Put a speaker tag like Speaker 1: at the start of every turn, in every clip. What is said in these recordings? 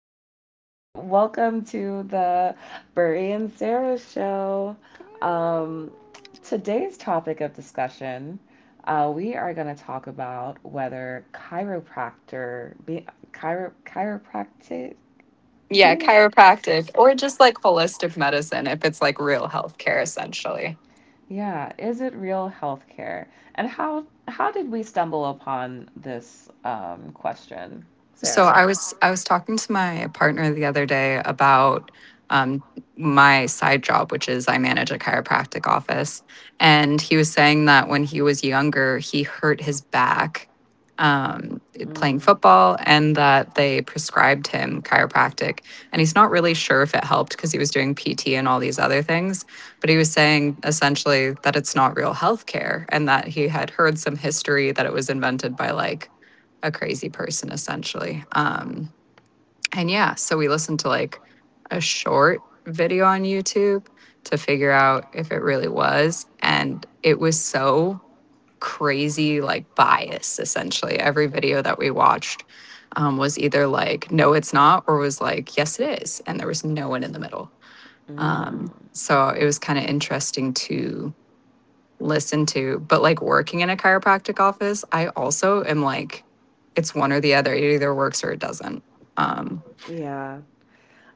Speaker 1: Hi, Sarah. Welcome to the Burry and Sarah show. Um, Today's topic of discussion, we are going to talk about whether chiropractic,
Speaker 2: Yeah,
Speaker 1: being a...
Speaker 2: chiropractic or just like holistic medicine if it's like real healthcare essentially.
Speaker 1: Yeah, is it real healthcare? And how did we stumble upon this question,
Speaker 2: So
Speaker 1: Sarah?
Speaker 2: I was talking to my partner the other day about um, my side job, which is I manage a chiropractic office, and he was saying that when he was younger, he hurt his back um, playing football, and that they prescribed him chiropractic, and he's not really sure if it helped because he was doing PT and all these other things, but he was saying essentially that it's not real healthcare, and that he had heard some history that it was invented by like a crazy person essentially. And yeah, so we listened to like a short video on YouTube to figure out if it really was. And it was so crazy, like bias essentially. Every video that we watched was either like, no, it's not, or was like, yes, it is. And there was no one in the middle.
Speaker 1: The other day about...
Speaker 2: So it was kind of interesting to listen to, but like working in a chiropractic office, I also am like, it's one or the other. It either works or it doesn't. Um,
Speaker 1: Yeah.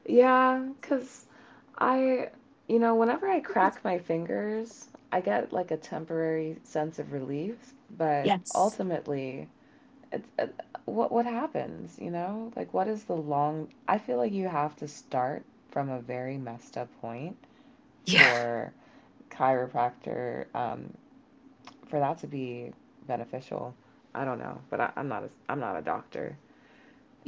Speaker 1: Yeah, 'cause I, you know, whenever I crack my fingers, I get like a temporary sense of relief, but
Speaker 2: Yes.
Speaker 1: ultimately it's what happens, you know? Like, what is the long... I feel like you have to start from a very messed up point
Speaker 2: Yeah,
Speaker 1: for chiropractor for that to be beneficial. I don't know, but I'm not a doctor.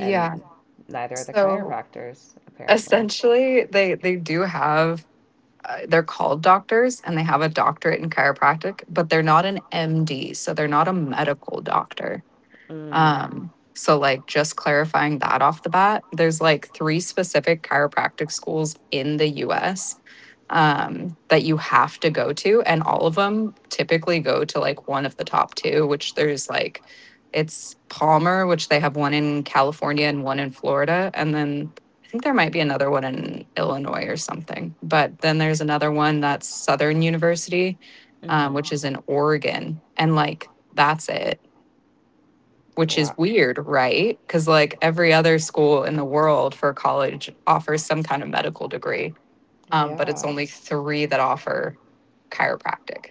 Speaker 1: And yeah, neither are the
Speaker 2: So
Speaker 1: chiropractors apparently. That's...
Speaker 2: essentially, they do have they're called doctors and they have a doctorate in chiropractic, but they're not an MD, so they're not a medical doctor.
Speaker 1: Mm. um,
Speaker 2: So, like, just clarifying that off the bat, there's like three specific chiropractic schools in the US that you have to go to. And all of them typically go to like one of the top two, which there's like, it's Palmer, which they have one in California and one in Florida. And then I think there might be another one in Illinois or something. But then there's another one that's Southern University,
Speaker 1: Mhm.
Speaker 2: which is
Speaker 1: Which...
Speaker 2: in Oregon. And like, that's it, which
Speaker 1: wow,
Speaker 2: is weird, right? Because like every other school in the world for college offers some kind of medical degree,
Speaker 1: right?
Speaker 2: but it's
Speaker 1: Yeah.
Speaker 2: only three that offer chiropractic.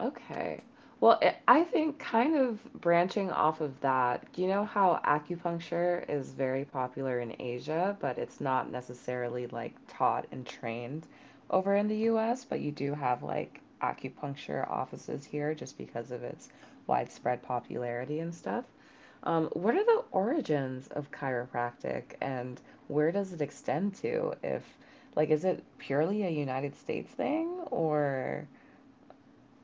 Speaker 1: Okay. Well, I think kind of branching off of that, you know how acupuncture is very popular in Asia, but it's not necessarily like taught and trained over in the US, but you do have like acupuncture offices here just because of its widespread popularity and stuff. What are the origins of chiropractic, and where does it extend to? If like, is it purely a United States thing, or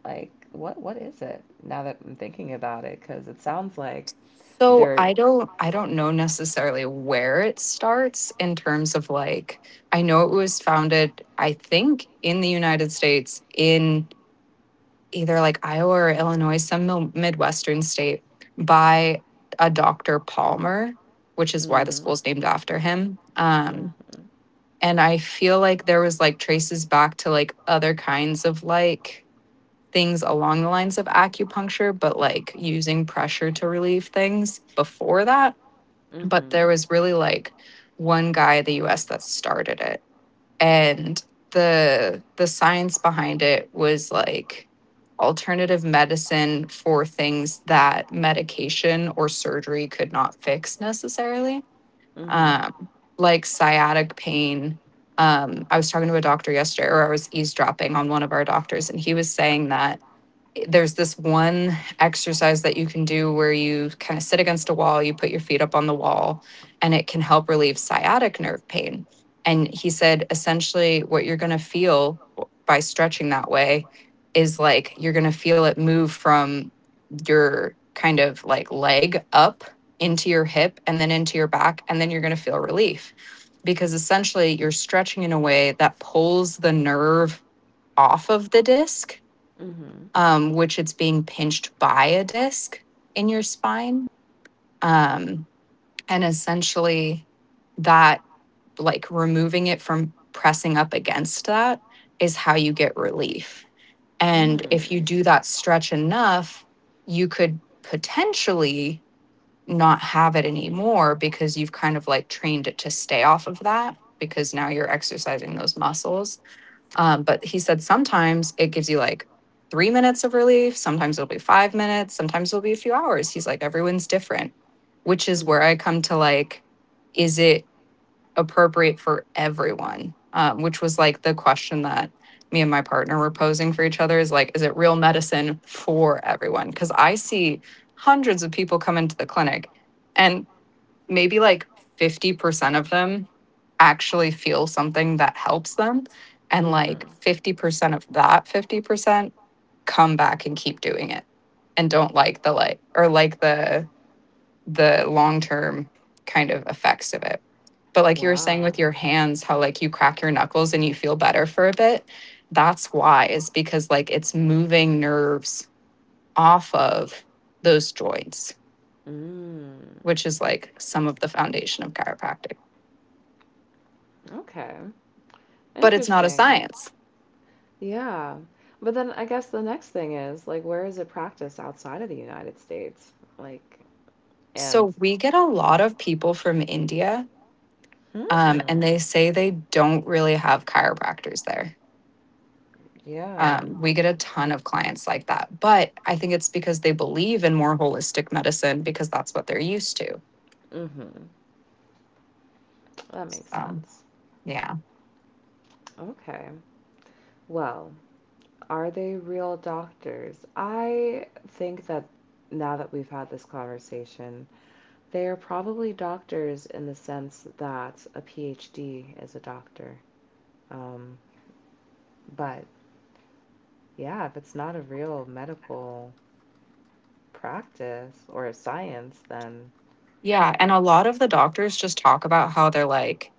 Speaker 1: like, what is it now that I'm thinking about it? Because it sounds like
Speaker 2: So
Speaker 1: they're...
Speaker 2: I don't know necessarily where it starts in terms of like I know it was founded I think in the United States in either like Iowa or Illinois, some midwestern state, by a Dr. Palmer, which is why the
Speaker 1: Mm,
Speaker 2: school's named after him.
Speaker 1: mm,
Speaker 2: And I feel like there was like traces back to like other kinds of like things along the lines of acupuncture, but like using pressure to relieve things before that. But
Speaker 1: mm-hmm.
Speaker 2: there was really like one guy in the US that started it. And the science behind it was like alternative medicine for things that medication or surgery could not fix necessarily,
Speaker 1: Mm-hmm.
Speaker 2: um, like sciatic pain. I was talking to a doctor yesterday, or I was eavesdropping on one of our doctors, and he was saying that there's this one exercise that you can do where you kind of sit against a wall, you put your feet up on the wall, and it can help relieve sciatic nerve pain. And he said essentially what you're going to feel by stretching that way is like you're going to feel it move from your kind of like leg up into your hip and then into your back, and then you're going to feel relief because essentially you're stretching in a way that pulls the nerve off of the disc,
Speaker 1: Mm-hmm.
Speaker 2: which it's being pinched by a disc in your spine. Um, and essentially, that, like removing it from pressing up against that, is how you get relief. And if you
Speaker 1: Mm.
Speaker 2: do that stretch enough, you could potentially not have it anymore because you've kind of like trained it to stay off of that because now you're exercising those muscles, but he said sometimes it gives you like 3 minutes of relief, sometimes it'll be 5 minutes, sometimes it'll be a few hours. He's like, everyone's different, which is where
Speaker 1: Mm-hmm.
Speaker 2: I come to like, is it appropriate for everyone? Which was like the question that me and my partner were posing for each other is like, is it real medicine for everyone? Because I see 100s of people come into the clinic and maybe like 50% of them actually feel something that helps them. And like
Speaker 1: Mm-hmm.
Speaker 2: 50% of that 50% come back and keep doing it and don't like the like or like the long-term kind of effects of it. But like you were saying with
Speaker 1: Wow.
Speaker 2: your hands, how like you crack your knuckles and you feel better for a bit. That's why is because like it's moving nerves off of those joints,
Speaker 1: Mm.
Speaker 2: which is like some of the foundation of chiropractic.
Speaker 1: Okay.
Speaker 2: But it's not a
Speaker 1: Interesting.
Speaker 2: science.
Speaker 1: Yeah. But then I guess the next thing is like, where is it practiced outside of the United States? Like, and...
Speaker 2: So we get a lot of people from India, and
Speaker 1: hmm.
Speaker 2: they say they don't really have chiropractors there.
Speaker 1: Yeah.
Speaker 2: We get a ton of clients like that, but I think it's because they believe in more holistic medicine because that's what they're used to.
Speaker 1: Mm-hmm. That makes
Speaker 2: So,
Speaker 1: sense.
Speaker 2: yeah.
Speaker 1: Okay. Well, are they real doctors? I think that now that we've had this conversation, they are probably doctors in the sense that a PhD is a doctor. Um, but yeah, if it's not a real medical practice or a science, then...
Speaker 2: Yeah. And a lot of the doctors just talk about how they're like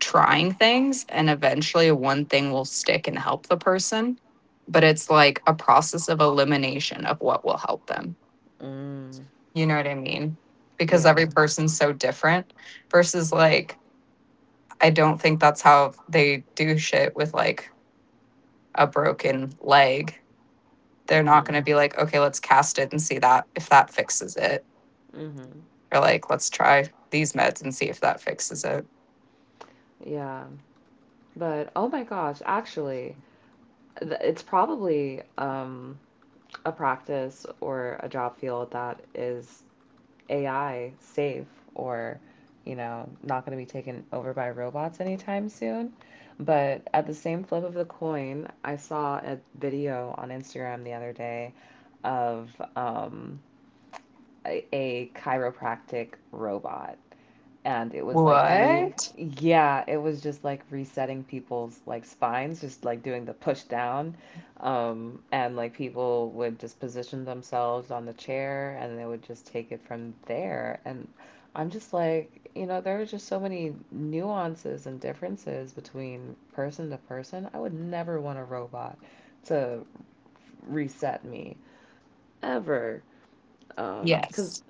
Speaker 2: trying things and eventually one thing will stick and help the person. But it's like a process of elimination of what will help them.
Speaker 1: mm,
Speaker 2: You know what I mean? Because
Speaker 1: yeah.
Speaker 2: every person's so different versus like I don't think that's how they do shit with like a broken leg. They're not going to be
Speaker 1: Mm-hmm.
Speaker 2: like, "Okay, let's cast it and see that if that fixes it."
Speaker 1: Mm-hmm.
Speaker 2: Or like, "Let's try these meds and see if that fixes it."
Speaker 1: Yeah. But oh my gosh, actually, it's probably a practice or a job field that is AI safe, or, you know, not going to be taken over by robots anytime soon. But at the same flip of the coin, I saw a video on Instagram the other day of um, a chiropractic robot, and it was like re...
Speaker 2: What?
Speaker 1: yeah, it was just like resetting people's like spines, just like doing the push down, and like people would just position themselves on the chair and they would just take it from there. And I'm just like, you know, there are just so many nuances and differences between person to person. I would never want a robot to reset me, ever, because
Speaker 2: Yes.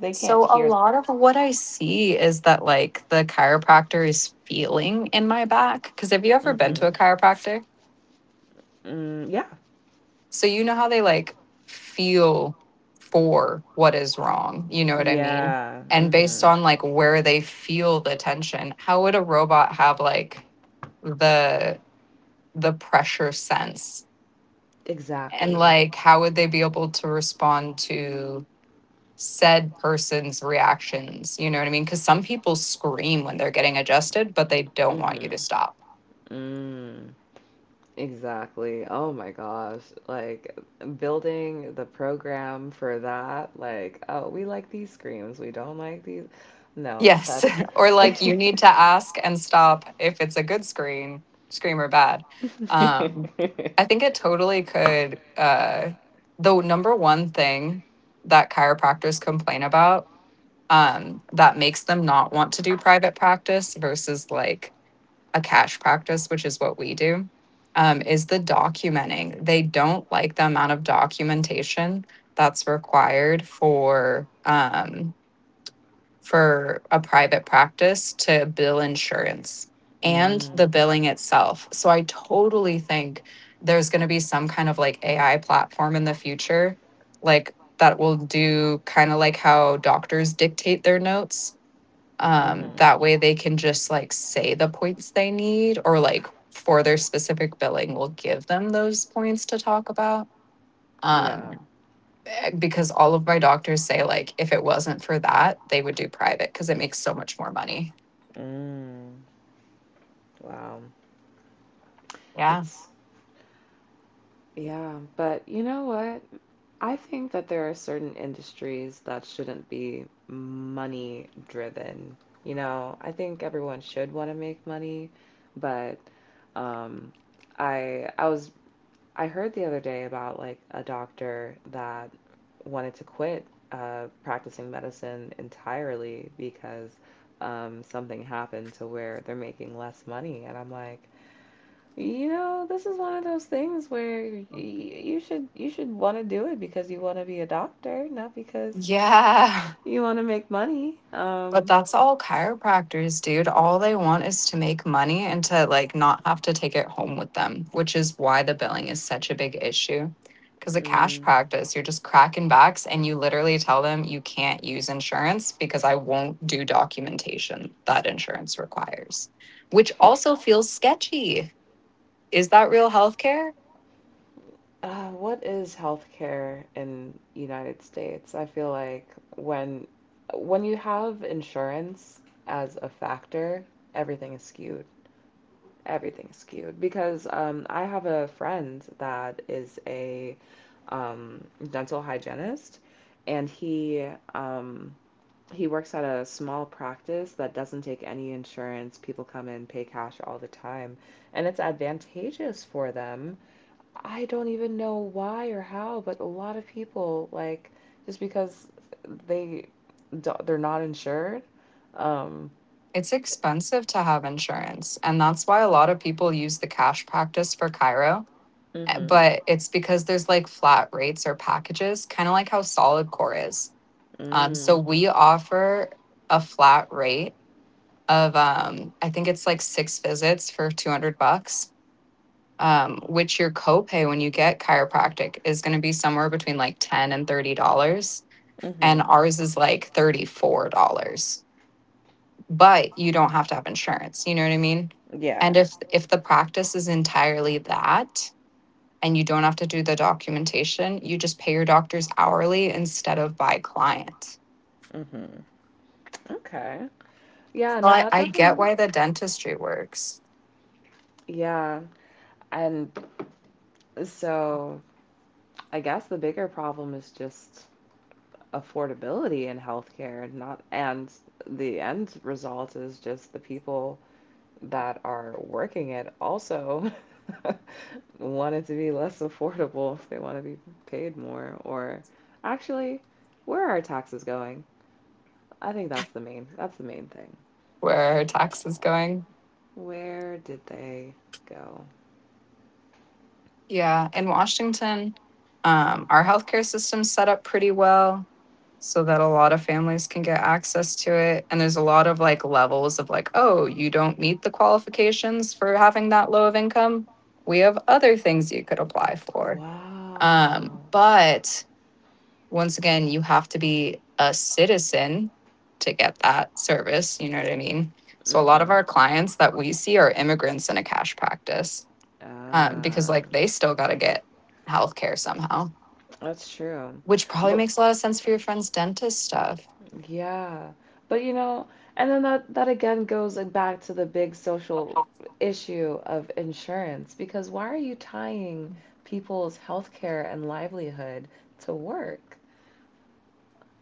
Speaker 1: they can't
Speaker 2: So a
Speaker 1: hear.
Speaker 2: lot of what I see is that like the chiropractor is feeling in my back because have you ever been to
Speaker 1: Hmm.
Speaker 2: a chiropractor?
Speaker 1: Mm, yeah.
Speaker 2: So you know how they like feel for what is wrong. You know what I mean?
Speaker 1: Yeah.
Speaker 2: And based
Speaker 1: Mm-hmm.
Speaker 2: on like where they feel the tension, how would a robot have like the pressure sense? And
Speaker 1: Exactly.
Speaker 2: like how would they be able to respond to said person's reactions? You know what I mean? Cuz some people scream when they're getting adjusted, but they don't want you
Speaker 1: Mm-hmm.
Speaker 2: to stop.
Speaker 1: Mm. Exactly. Oh my gosh. Like, building the program for that, like, oh, we like these screams, we don't like these. No,
Speaker 2: Yes.
Speaker 1: that's
Speaker 2: Or like you
Speaker 1: mm.
Speaker 2: need to ask and stop if it's a good screen, scream or bad. Um, I think it totally could. The number one thing that chiropractors complain about, that makes them not want to do private practice versus like a cash practice, which is what we do, is the documenting. They don't like the amount of documentation that's required for. For a private practice to bill insurance and the billing itself. So I totally think there's going to be some kind of like AI platform in the future, like that will do kind of like how doctors dictate their notes.
Speaker 1: Mm-hmm.
Speaker 2: That way they can just like say the points they need or like for their specific billing, we'll give them those points to talk about. Um,
Speaker 1: Yeah.
Speaker 2: because all of my doctors say like if it wasn't for that, they would do private because it makes so much more money.
Speaker 1: Mm. Wow.
Speaker 2: Yeah.
Speaker 1: That's... yeah, but you know what? I think that there are certain industries that shouldn't be money driven. You know, I think everyone should want to make money, but um, I I was I heard the other day about like a doctor that wanted to quit practicing medicine entirely because something happened to where they're making less money, and I'm like, you know, this is one of those things where y you should want to do it because you want to be a doctor, not because
Speaker 2: Yeah.
Speaker 1: you want to make money.
Speaker 2: But that's all chiropractors, dude. All they want is to make money and to like not have to take it home with them, which is why the billing is such a big issue. Because a cash
Speaker 1: Mm,
Speaker 2: practice, you're just cracking backs and you literally tell them you can't use insurance because I won't do documentation that insurance requires, which also feels sketchy. Is that real healthcare?
Speaker 1: what is healthcare in United States? I feel like when when you have insurance as a factor, everything is skewed. Everything's skewed because I have a friend that is a um, dental hygienist, and he, um, he works at a small practice that doesn't take any insurance. People come in, pay cash all the time, and it's advantageous for them. I don't even know why or how, but a lot of people like, just because they they're not insured. Um,
Speaker 2: It's expensive to have insurance, and that's why a lot of people use the cash practice for Cairo.
Speaker 1: mm-hmm.
Speaker 2: But it's because there's like flat rates or packages, kind of like how Solid Core is. So
Speaker 1: Mm,
Speaker 2: we offer a flat rate of I think it's like 6 visits for 200 bucks, which your copay when you get chiropractic is going to be somewhere between like $10 and $30, and
Speaker 1: mm-hmm.
Speaker 2: ours is like $34. But you don't have to have insurance, you know what I mean? And
Speaker 1: Yeah.
Speaker 2: if the practice is entirely that and you don't have to do the documentation, you just pay your doctors hourly instead of by client.
Speaker 1: Mm-hmm. Okay. Yeah,
Speaker 2: So
Speaker 1: no, that
Speaker 2: I get
Speaker 1: definitely,
Speaker 2: why the dentistry works
Speaker 1: yeah. And so I guess the bigger problem is just affordability in healthcare, and not, and the end result is just the people that are working it also want it to be less affordable if they want to be paid more. Or actually, where are taxes going? I think that's the main, that's the main thing.
Speaker 2: where her tax is going.
Speaker 1: Where did they go?
Speaker 2: Yeah, in Washington, our healthcare system's set up pretty well so that a lot of families can get access to it. And there's a lot of like levels of like, oh, you don't meet the qualifications for having that low of income. We have other things you could apply for.
Speaker 1: Wow.
Speaker 2: But once again, you have to be a citizen to get that service. You know what I mean? So a lot of
Speaker 1: Mm-hmm.
Speaker 2: our clients that we see are immigrants in a cash practice, because
Speaker 1: Ah,
Speaker 2: like they still got to get healthcare somehow,
Speaker 1: that's true.
Speaker 2: which probably
Speaker 1: But
Speaker 2: makes a lot of sense for your friend's dentist stuff.
Speaker 1: yeah, but you know, and then that again goes like back to the big social issue of insurance. Because why are you tying people's healthcare and livelihood to work?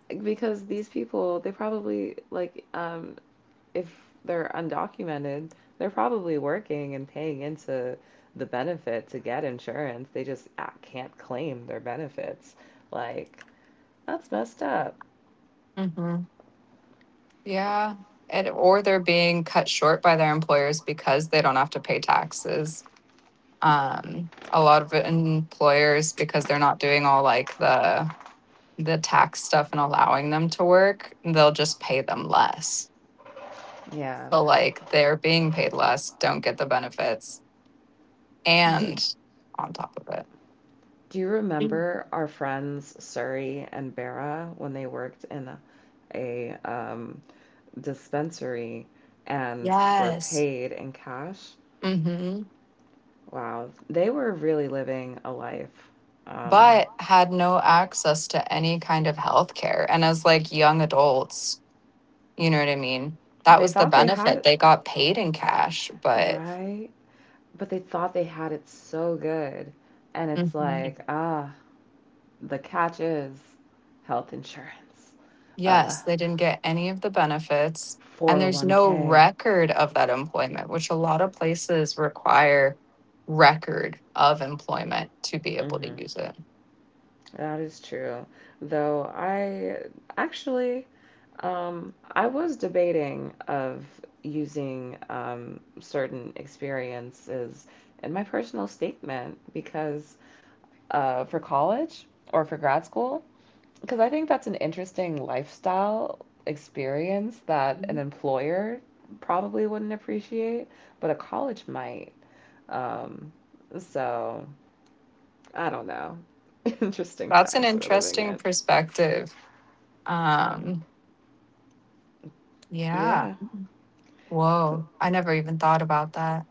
Speaker 1: Because these people, they probably like, if they're undocumented, they're probably working and paying into the benefit to get insurance. They just can't claim their benefits. Like, that's messed up.
Speaker 2: Hmm. Yeah. And, or they're being cut short by their employers because they don't have to pay taxes. A lot of employers, because they're not doing all like the tax stuff and allowing them to work, they'll just pay them less.
Speaker 1: Yeah.
Speaker 2: So like they're being paid less, don't get the benefits,
Speaker 1: Do...
Speaker 2: and on top of
Speaker 1: do you
Speaker 2: it.
Speaker 1: remember our friends Suri and Bera when they worked in a dispensary and were
Speaker 2: Yes.
Speaker 1: paid in cash?
Speaker 2: hmm
Speaker 1: Wow, they were really living a life. Um,
Speaker 2: but had no access to any kind of health care. And as like young adults, you know what I mean? That
Speaker 1: they
Speaker 2: was the
Speaker 1: thought they had
Speaker 2: benefit.
Speaker 1: it
Speaker 2: They got paid in cash, but
Speaker 1: right, but they thought they had it so good, and it's
Speaker 2: Mhm.
Speaker 1: like, ah, the catch is health insurance, uh,
Speaker 2: Yes, they didn't get any of the benefits. And there's no
Speaker 1: 401k.
Speaker 2: record of that employment, which a lot of places require record of employment to be able
Speaker 1: Hmm.
Speaker 2: to use it.
Speaker 1: That is true. Though I actually, I was debating of using certain experiences in my personal statement, because for college, or for grad school, because I think that's an interesting lifestyle experience that an
Speaker 2: Mhm.
Speaker 1: employer probably wouldn't appreciate, but a college might. Um so I don't know. Interesting
Speaker 2: That's an
Speaker 1: times we're living
Speaker 2: interesting
Speaker 1: in.
Speaker 2: perspective. Um, yeah.
Speaker 1: Yeah. Cool.
Speaker 2: Whoa. I never even thought about that.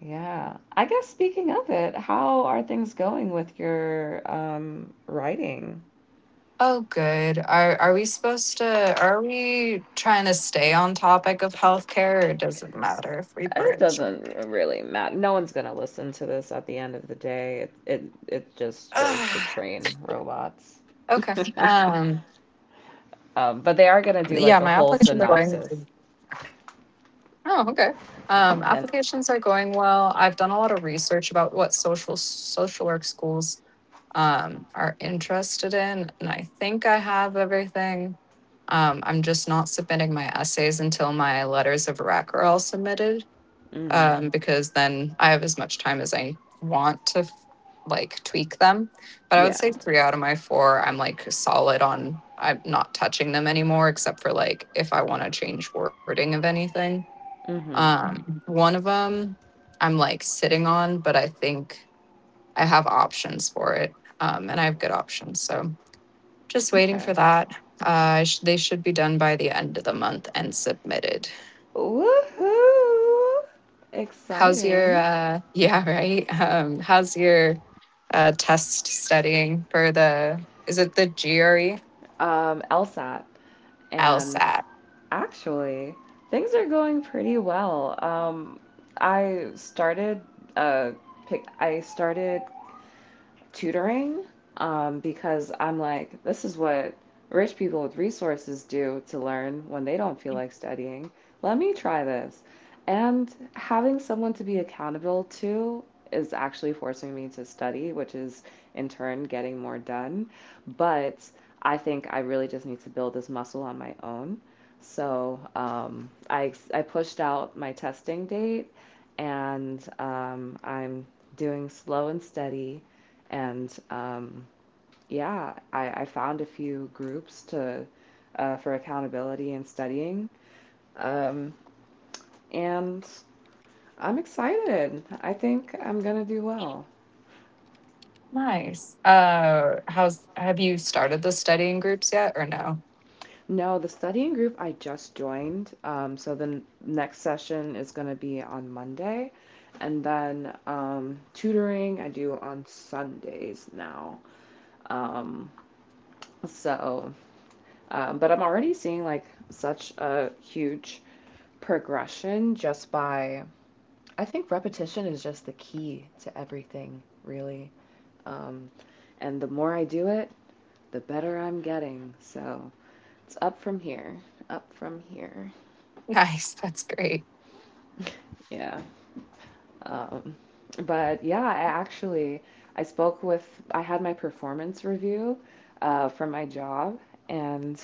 Speaker 1: Yeah. I guess speaking of it, how are things going with your writing?
Speaker 2: Oh, good. Are we trying to stay on topic of healthcare, or does it matter if we
Speaker 1: It
Speaker 2: bridge?
Speaker 1: doesn't really matter. No one's gonna listen to this at the end of the day. It just goes to
Speaker 2: Ugh,
Speaker 1: train robots.
Speaker 2: okay. Yeah, my
Speaker 1: But they
Speaker 2: applications
Speaker 1: are
Speaker 2: are
Speaker 1: gonna do
Speaker 2: going.
Speaker 1: like a whole synopsis.
Speaker 2: Oh, okay.
Speaker 1: And
Speaker 2: Applications are going well. I've done a lot of research about what social work schools are interested in, and I think I have everything. I'm just not submitting my essays until my letters of rec are all submitted,
Speaker 1: mm,
Speaker 2: because then I have as much time as I want to like tweak them. But I would
Speaker 1: yeah.
Speaker 2: say three out of my four, I'm like solid on. I'm not touching them anymore, except for like if I want to change wording of anything.
Speaker 1: Mm-hmm.
Speaker 2: Mhm. One of them I'm like sitting on, but I think I have options for it, and I have good options. So just waiting for
Speaker 1: Okay.
Speaker 2: that. They should be done by the end of the month and submitted.
Speaker 1: Woohoo!
Speaker 2: How's your
Speaker 1: Exciting.
Speaker 2: yeah, right? How's your test studying for the, is it the GRE,
Speaker 1: LSAT, and
Speaker 2: LSAT?
Speaker 1: actually, things are going pretty well. I started uh, I started tutoring because I'm like, this is what rich people with resources do to learn when they don't feel like studying. Let me try this. And having someone to be accountable to is actually forcing me to study, which is in turn getting more done. But I think I really just need to build this muscle on my own. So I pushed out my testing date. And I'm doing slow and steady. And yeah, I found a few groups to for accountability and studying. Um, and I'm excited. I think I'm gonna do well.
Speaker 2: Nice. How's, have you started the studying groups yet or no?
Speaker 1: No, the studying group I just joined. So the next session is gonna be on Monday, and then tutoring I do on Sundays now. Um, so but I'm already seeing like such a huge progression just by, I think repetition is just the key to everything, really. Um, and the more I do it, the better I'm getting. So it's up from here, up from here.
Speaker 2: Nice, that's great.
Speaker 1: Yeah. Um, but yeah, I actually, I spoke with I had my performance review from my job, and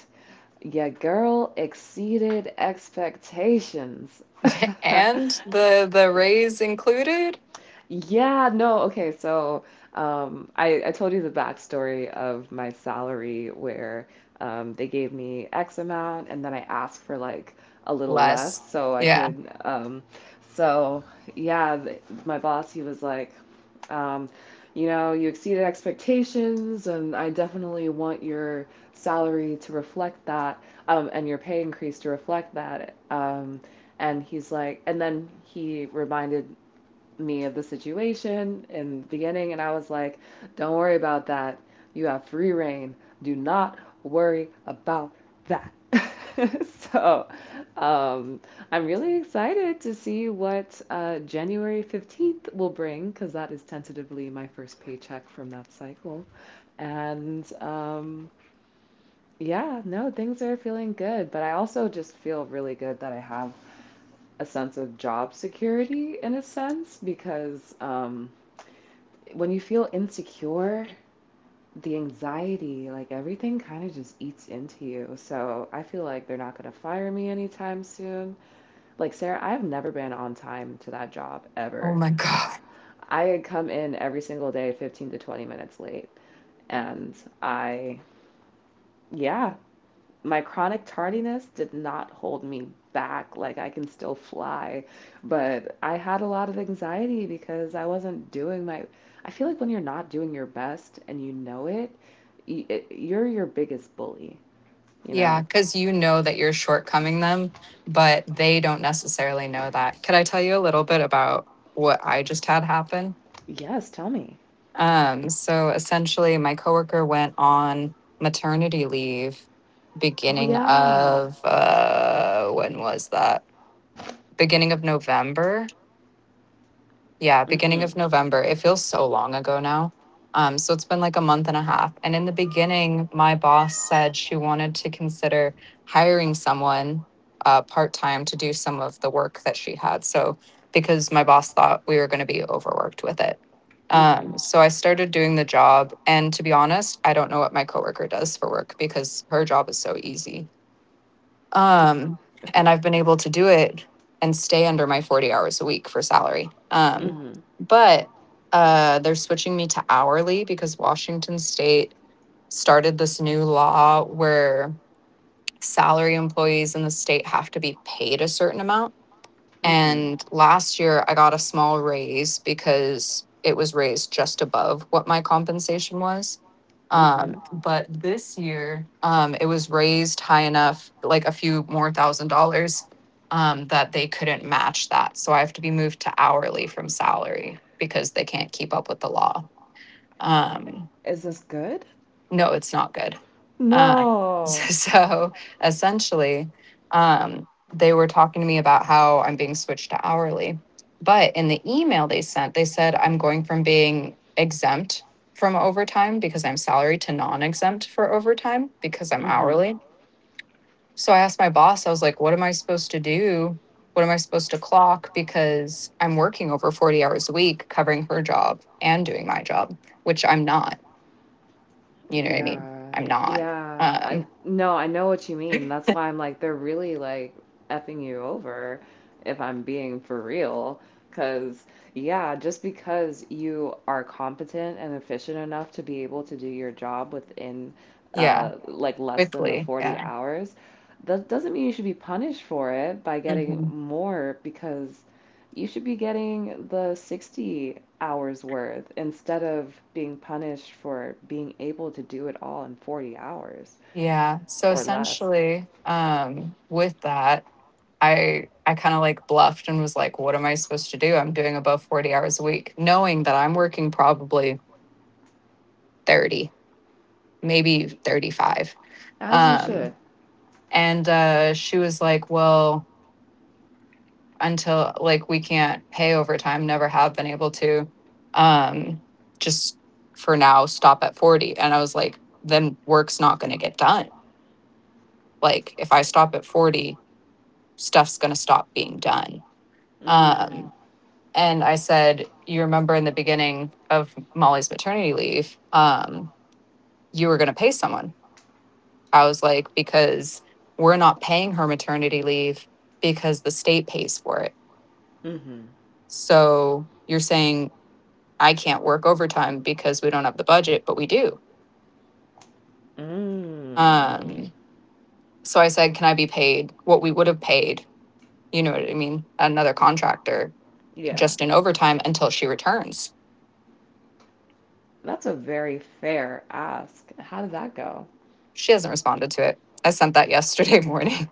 Speaker 1: yeah, girl exceeded expectations.
Speaker 2: And the raise included?
Speaker 1: Yeah, no, okay. So, I told you the backstory of my salary where they gave me X amount and then I asked for like a little less
Speaker 2: Less.
Speaker 1: so I
Speaker 2: Yeah.
Speaker 1: could. So, yeah, th my boss, he was like, um, you know, you exceeded expectations, and I definitely want your salary to reflect that, and your pay increase to reflect that. And he's like, and then he reminded me of the situation in the beginning, and I was like, don't worry about that. You have free reign. Do not worry about that. So um, I'm really excited to see what January 15th will bring, because that is tentatively my first paycheck from that cycle. And yeah, no, things are feeling good, but I also just feel really good that I have a sense of job security in a sense because when you feel insecure, the anxiety, like, everything kind of just eats into you. So I feel like they're not going to fire me anytime soon. Like, Sarah, I've never been on time to that job
Speaker 2: Oh
Speaker 1: ever.
Speaker 2: my God.
Speaker 1: I come in every single day 15 to 20 minutes late. And I, yeah, my chronic tardiness did not hold me back. Like, I can still fly, but I had a lot of anxiety because I wasn't doing my... I feel like when you're not doing your best and you know it, you're your biggest bully, you
Speaker 2: Yeah,
Speaker 1: know?
Speaker 2: cuz you know that you're shortcoming them, but they don't necessarily know that. Could I tell you a little bit about what I just had happen?
Speaker 1: Yes, tell me.
Speaker 2: So essentially, my coworker went on maternity leave
Speaker 1: Oh,
Speaker 2: beginning
Speaker 1: yeah.
Speaker 2: of when was that? Beginning of November. Yeah,
Speaker 1: Mm
Speaker 2: beginning
Speaker 1: hmm.
Speaker 2: of November. It feels so long ago now. So it's been like 1.5 months. And in the beginning, my boss said she wanted to consider hiring someone part time to do some of the work that she had. So, because my boss thought we were going to be overworked with it.
Speaker 1: Mm hmm.
Speaker 2: So I started doing the job. And to be honest, I don't know what my coworker does for work, because her job is so easy. Um, and I've been able to do it and stay under my 40 hours a week for salary.
Speaker 1: Mm
Speaker 2: But they're switching me to hourly because Washington State started this new law where salary employees in the state have to be paid a certain amount,
Speaker 1: hmm. Mm hmm.
Speaker 2: and last year, I got a small raise because it was raised just above what my compensation was.
Speaker 1: Mm hmm.
Speaker 2: But this year, it was raised high enough, like a few more thousand dollars, that they couldn't match that. So I have to be moved to hourly from salary because they can't keep up with the law. Um,
Speaker 1: Is this good?
Speaker 2: no, it's not good. Uh,
Speaker 1: No.
Speaker 2: so essentially, um, they were talking to me about how I'm being switched to hourly. But in the email they sent, they said I'm going from being exempt from overtime because I'm salary to non exempt for overtime because I'm
Speaker 1: Mm hmm.
Speaker 2: hourly. So I asked my boss, I was like, what am I supposed to do? What am I supposed to clock? Because I'm working over 40 hours a week covering her job and doing my job, which I'm not. You know what I mean?
Speaker 1: Yeah.
Speaker 2: I'm not.
Speaker 1: Yeah. I
Speaker 2: Um,
Speaker 1: no, I know what you mean. That's why I'm like, they're really like effing you over if I'm being for real. 'Cause yeah, just because you are competent and efficient enough to be able to do your job within
Speaker 2: yeah,
Speaker 1: like less than the
Speaker 2: quickly.
Speaker 1: 40
Speaker 2: Yeah.
Speaker 1: hours, that doesn't mean you should be punished for it by getting
Speaker 2: hmm
Speaker 1: more because you should be getting the 60 hours worth instead of being punished for being able to do it all in 40 hours
Speaker 2: Yeah. So
Speaker 1: or less.
Speaker 2: essentially, with that, I kind of like bluffed and was like, what am I supposed to do? I'm doing above 40 hours a week, knowing that I'm working probably 30, maybe 35.
Speaker 1: As you
Speaker 2: Um,
Speaker 1: should.
Speaker 2: and she was like, well, until like we can't pay overtime, never have been able to. Um, just for now, stop at 40. And I was like, then work's not going to get done. Like, if I stop at 40, stuff's going to stop being done.
Speaker 1: Mm,
Speaker 2: Um, and I said, you remember in the beginning of Molly's maternity leave, you were going to pay someone. I was like, because we're not paying her maternity leave because the state pays for it.
Speaker 1: mm-hmm.
Speaker 2: So you're saying I can't work overtime because we don't have the budget, but we do.
Speaker 1: Mm.
Speaker 2: Um, so I said, can I be paid what we would have paid? You know what I mean? Another contractor,
Speaker 1: Yeah.
Speaker 2: just in overtime until she returns.
Speaker 1: That's a very fair ask. How did that go?
Speaker 2: She hasn't responded to it. I sent that yesterday morning.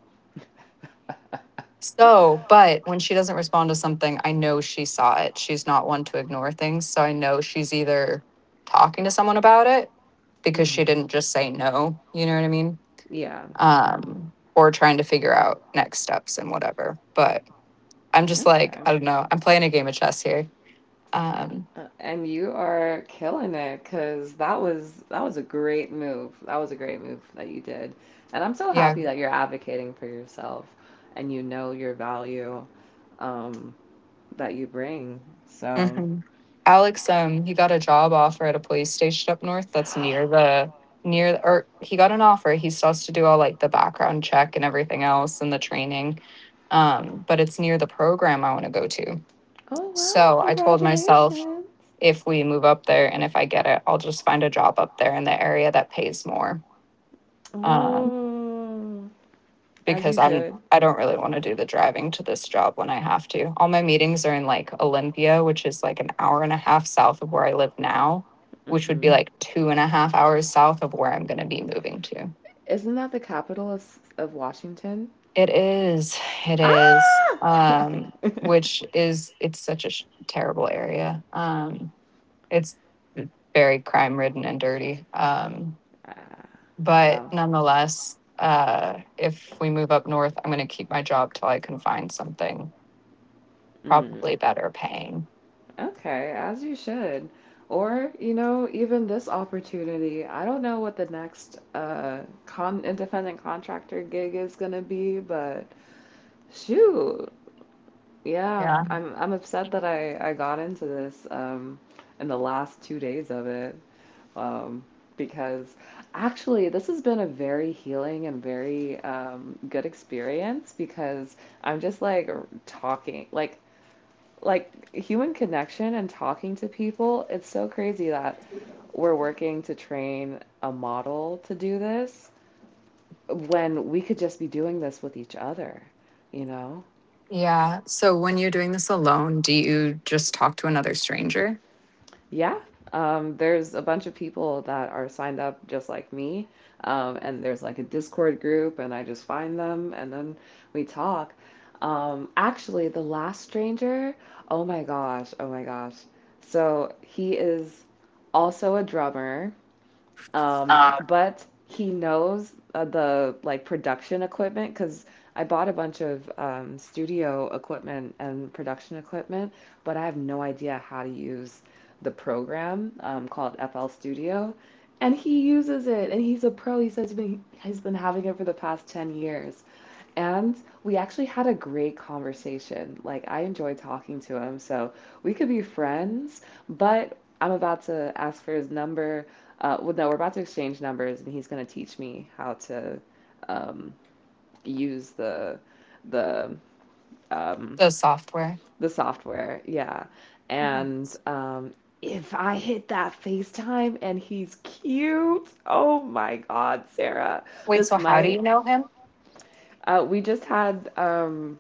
Speaker 2: So, but when she doesn't respond to something, I know she saw it. She's not one to ignore things. So I know she's either talking to someone about it, because she
Speaker 1: Mm-hmm.
Speaker 2: didn't just say no. You know what I mean?
Speaker 1: Yeah.
Speaker 2: Or trying to figure out next steps and whatever. But I'm just like,
Speaker 1: Okay.
Speaker 2: I don't know. I'm playing a game of chess here. Um,
Speaker 1: And you are killing it because that was a great move. That was a great move that you did. And I'm so
Speaker 2: yeah.
Speaker 1: happy that you're advocating for yourself and you know your value um, that you bring. So,
Speaker 2: hmm Alex, he got a job offer at a police station up north that's near, or he got an offer. He still has to do all like the background check and everything else and the training. But it's near the program I want to go to.
Speaker 1: oh wow,
Speaker 2: So I told myself,
Speaker 1: congratulations.
Speaker 2: if we move up there and if I get it, I'll just find a job up there in the area that pays more. Um,
Speaker 1: Oh, as you
Speaker 2: because I'm
Speaker 1: should.
Speaker 2: I don't really want to do the driving to this job when I have to. All my meetings are in like Olympia, which is like 1.5 hours south of where I live now, which would be
Speaker 1: Hmm.
Speaker 2: like 2.5 hours south of where I'm going to be moving to.
Speaker 1: Isn't that the capital of Washington?
Speaker 2: It is, it is,
Speaker 1: Ah!
Speaker 2: which is it's such a terrible area. It's very crime ridden and dirty.
Speaker 1: Ah,
Speaker 2: But
Speaker 1: well,
Speaker 2: nonetheless, if we move up north, I'm going to keep my job till I can find something
Speaker 1: mm.
Speaker 2: probably better paying.
Speaker 1: Okay, as you should. Or, you know, even this opportunity. I don't know what the next con independent contractor gig is gonna be, but shoot. Yeah,
Speaker 2: Yeah.
Speaker 1: I'm upset that I got into this in the last 2 days of it. Um because actually this has been a very healing and very good experience because I'm just like talking like human connection and talking to people. It's so crazy that we're working to train a model to do this when we could just be doing this with each other, you know?
Speaker 2: Yeah. So when you're doing this alone, do you just talk to another stranger?
Speaker 1: Yeah. There's a bunch of people that are signed up just like me, and there's like a Discord group, and I just find them and then we talk. Actually, the last stranger, oh my gosh, oh my gosh. So he is also a drummer.
Speaker 2: Uh,
Speaker 1: But he knows the like production equipment because I bought a bunch of studio equipment and production equipment, but I have no idea how to use the program called FL Studio. And he uses it, and he's a pro. He says he's been having it for the past 10 years. And we actually had a great conversation. Like, I enjoyed talking to him, so we could be friends, but I'm about to ask for his number. Well, no, we're about to exchange numbers, and he's going to teach me how to um, use the um,
Speaker 2: the software.
Speaker 1: the software. Yeah. And
Speaker 2: Nice.
Speaker 1: if I hit that FaceTime and he's cute, oh my God, Sarah,
Speaker 2: Wait,
Speaker 1: this
Speaker 2: so how do
Speaker 1: might.
Speaker 2: you know him?
Speaker 1: We just had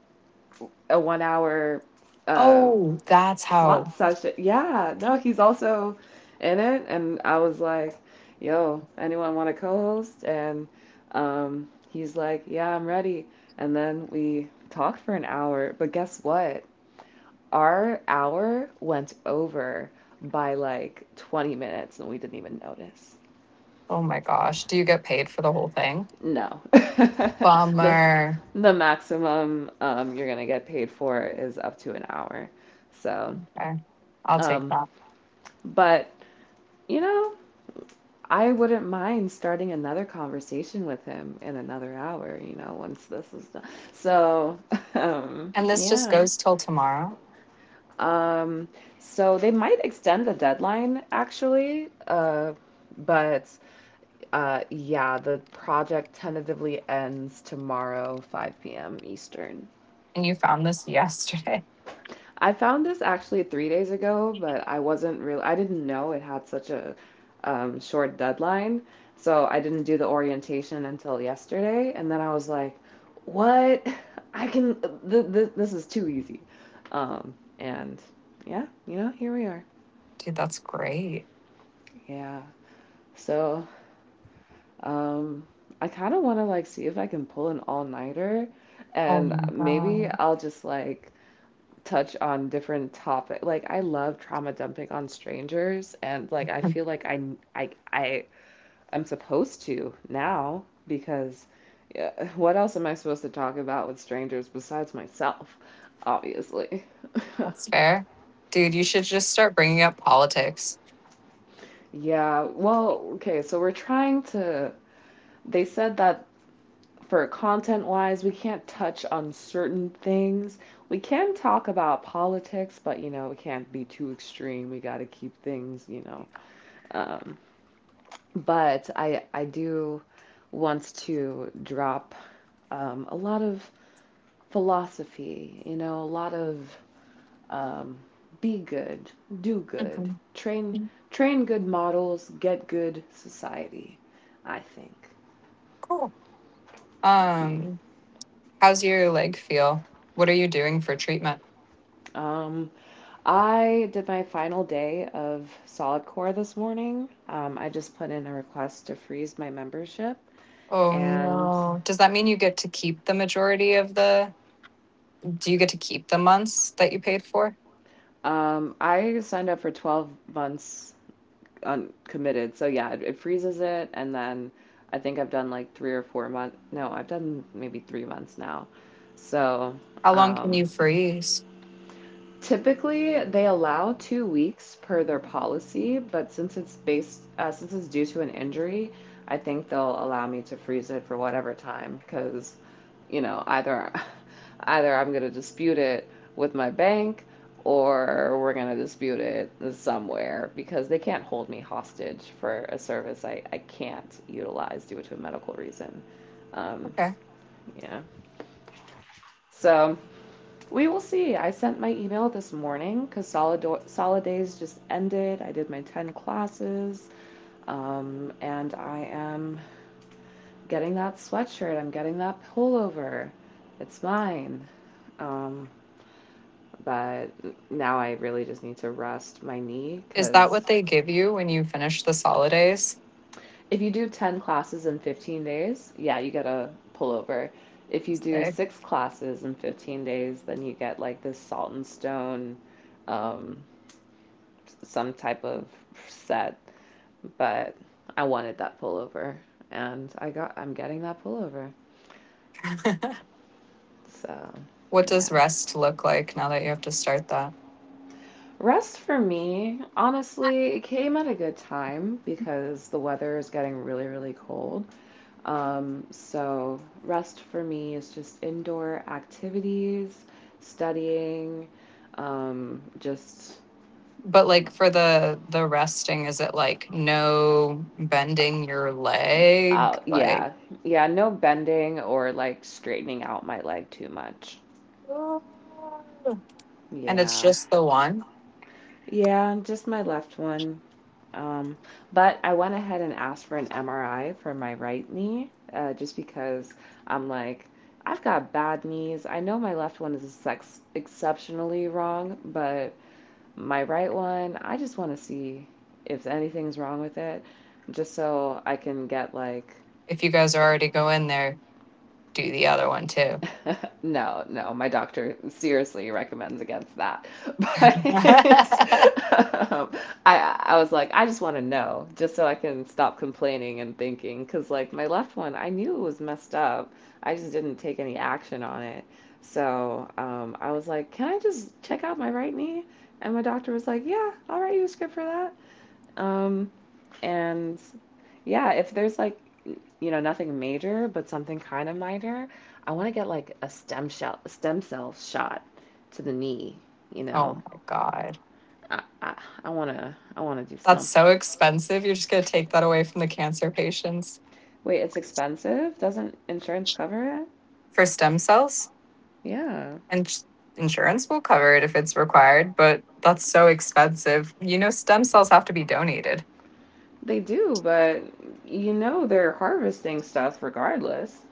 Speaker 1: a 1 hour uh
Speaker 2: Oh, that's
Speaker 1: pot
Speaker 2: how.
Speaker 1: session. Yeah, no, he's also in it and I was like, "Yo, anyone want to co-host?" And he's like, "Yeah, I'm ready." And then we talked for an hour, but guess what? Our hour went over by like 20 minutes and we didn't even notice.
Speaker 2: Oh my gosh. Do you get paid for the whole thing?
Speaker 1: No. The
Speaker 2: Bummer.
Speaker 1: the maximum you're gonna get paid for is up to an hour. So,
Speaker 2: Okay. I'll take
Speaker 1: um,
Speaker 2: that.
Speaker 1: But, you know, I wouldn't mind starting another conversation with him in another hour, you know, once this is done. So,
Speaker 2: And this just
Speaker 1: yeah.
Speaker 2: goes till tomorrow.
Speaker 1: Um, so they might extend the deadline actually, but yeah, the project tentatively ends tomorrow, 5 p.m. Eastern.
Speaker 2: And you found this yesterday.
Speaker 1: I found this actually 3 days ago, but I wasn't real. I didn't know it had such a short deadline. So I didn't do the orientation until yesterday. And then I was like, what? I can, this is too easy. And yeah, you know, here we are.
Speaker 2: Dude, that's great.
Speaker 1: Yeah. So um, I kind of want to like see if I can pull an all nighter.
Speaker 2: Oh
Speaker 1: And
Speaker 2: my
Speaker 1: maybe
Speaker 2: God.
Speaker 1: I'll just like touch on different topics. Like I love trauma dumping on strangers and like I feel like I am supposed to now because yeah, what else am I supposed to talk about with strangers besides myself? Obviously.
Speaker 2: That's fair. Dude, you should just start bringing up politics.
Speaker 1: Yeah, well, okay, so we're trying to. They said that for content wise, we can't touch on certain things. We can talk about politics, but you know, it can't be too extreme. We got to keep things, you know. Um, but I do want to drop a lot of philosophy, you know, a lot of um, be good, do good,
Speaker 2: Mhm.
Speaker 1: train train good models, get good society. I think.
Speaker 2: Cool.
Speaker 1: Yeah.
Speaker 2: Um, How's your leg feel? What are you doing for treatment?
Speaker 1: Um, I did my final day of Solid Core this morning. I just put in a request to freeze my membership,
Speaker 2: Oh
Speaker 1: and
Speaker 2: no. Does that mean you get to keep the majority of the— do you get to keep the months that you paid for?
Speaker 1: I signed up for 12 months uncommitted. So yeah, it freezes it and then I think I've done like 3 or 4 months. No, I've done maybe 3 months now. So,
Speaker 2: How long can you
Speaker 1: um
Speaker 2: freeze?
Speaker 1: typically, they allow 2 weeks per their policy, but since it's due to an injury, I think they'll allow me to freeze it for whatever time because, you know, either either I'm going to dispute it with my bank or we're going to dispute it somewhere because they can't hold me hostage for a service I can't utilize due to a medical reason. Um,
Speaker 2: Okay.
Speaker 1: yeah. So. We will see. I sent my email this morning because solid days just ended. I did my 10 classes, and I am getting that sweatshirt. I'm getting that pullover. It's mine. Um, but now I really just need to rest my knee
Speaker 2: Is that
Speaker 1: because
Speaker 2: what they give you when you finish the holidays?
Speaker 1: if you do 10 classes in 15 days, yeah, you get a pullover. If you do
Speaker 2: Sick.
Speaker 1: six classes in 15 days, then you get like this salt and stone um, some type of set, but I wanted that pullover and I'm getting that pullover. So,
Speaker 2: What
Speaker 1: yeah.
Speaker 2: does rest look like now that you have to start that?
Speaker 1: Rest for me, honestly, it came at a good time because the weather is getting really really cold. So rest for me is just indoor activities, studying, just
Speaker 2: But like for the resting, is it like no bending your leg?
Speaker 1: out,
Speaker 2: Like
Speaker 1: yeah, yeah, no bending or like straightening out my leg too much.
Speaker 2: "Ah," and it's
Speaker 1: Yeah.
Speaker 2: just the one?
Speaker 1: Yeah, just my left one. Um, but I went ahead and asked for an MRI for my right knee, just because I'm like, I've got bad knees. I know my left one is ex exceptionally wrong, but my right one, I just want to see if anything's wrong with it, just so I can get like
Speaker 2: If you guys are already going there, do the other one too.
Speaker 1: no, no, my doctor seriously recommends against that.
Speaker 2: Oh
Speaker 1: But I was like, I just want to know just so I can stop complaining and thinking because like my left one, I knew it was messed up. I just didn't take any action on it. So I was like, can I just check out my right knee? And my doctor was like, yeah, I'll write you a script for that. Um, and yeah, if there's like nothing major, but something kind of minor. I want to get like a stem cell shot to the knee. You
Speaker 2: my
Speaker 1: know,
Speaker 2: God.
Speaker 1: I, I, I wanna do
Speaker 2: That's
Speaker 1: something.
Speaker 2: so expensive. You're just going to take that away from the cancer patients
Speaker 1: Wait, it's expensive. Doesn't insurance cover it?
Speaker 2: for stem cells.
Speaker 1: Yeah,
Speaker 2: And insurance will cover it if it's required, but that's so expensive. You know, stem cells have to be donated.
Speaker 1: they do, but you know they're harvesting stuff regardless.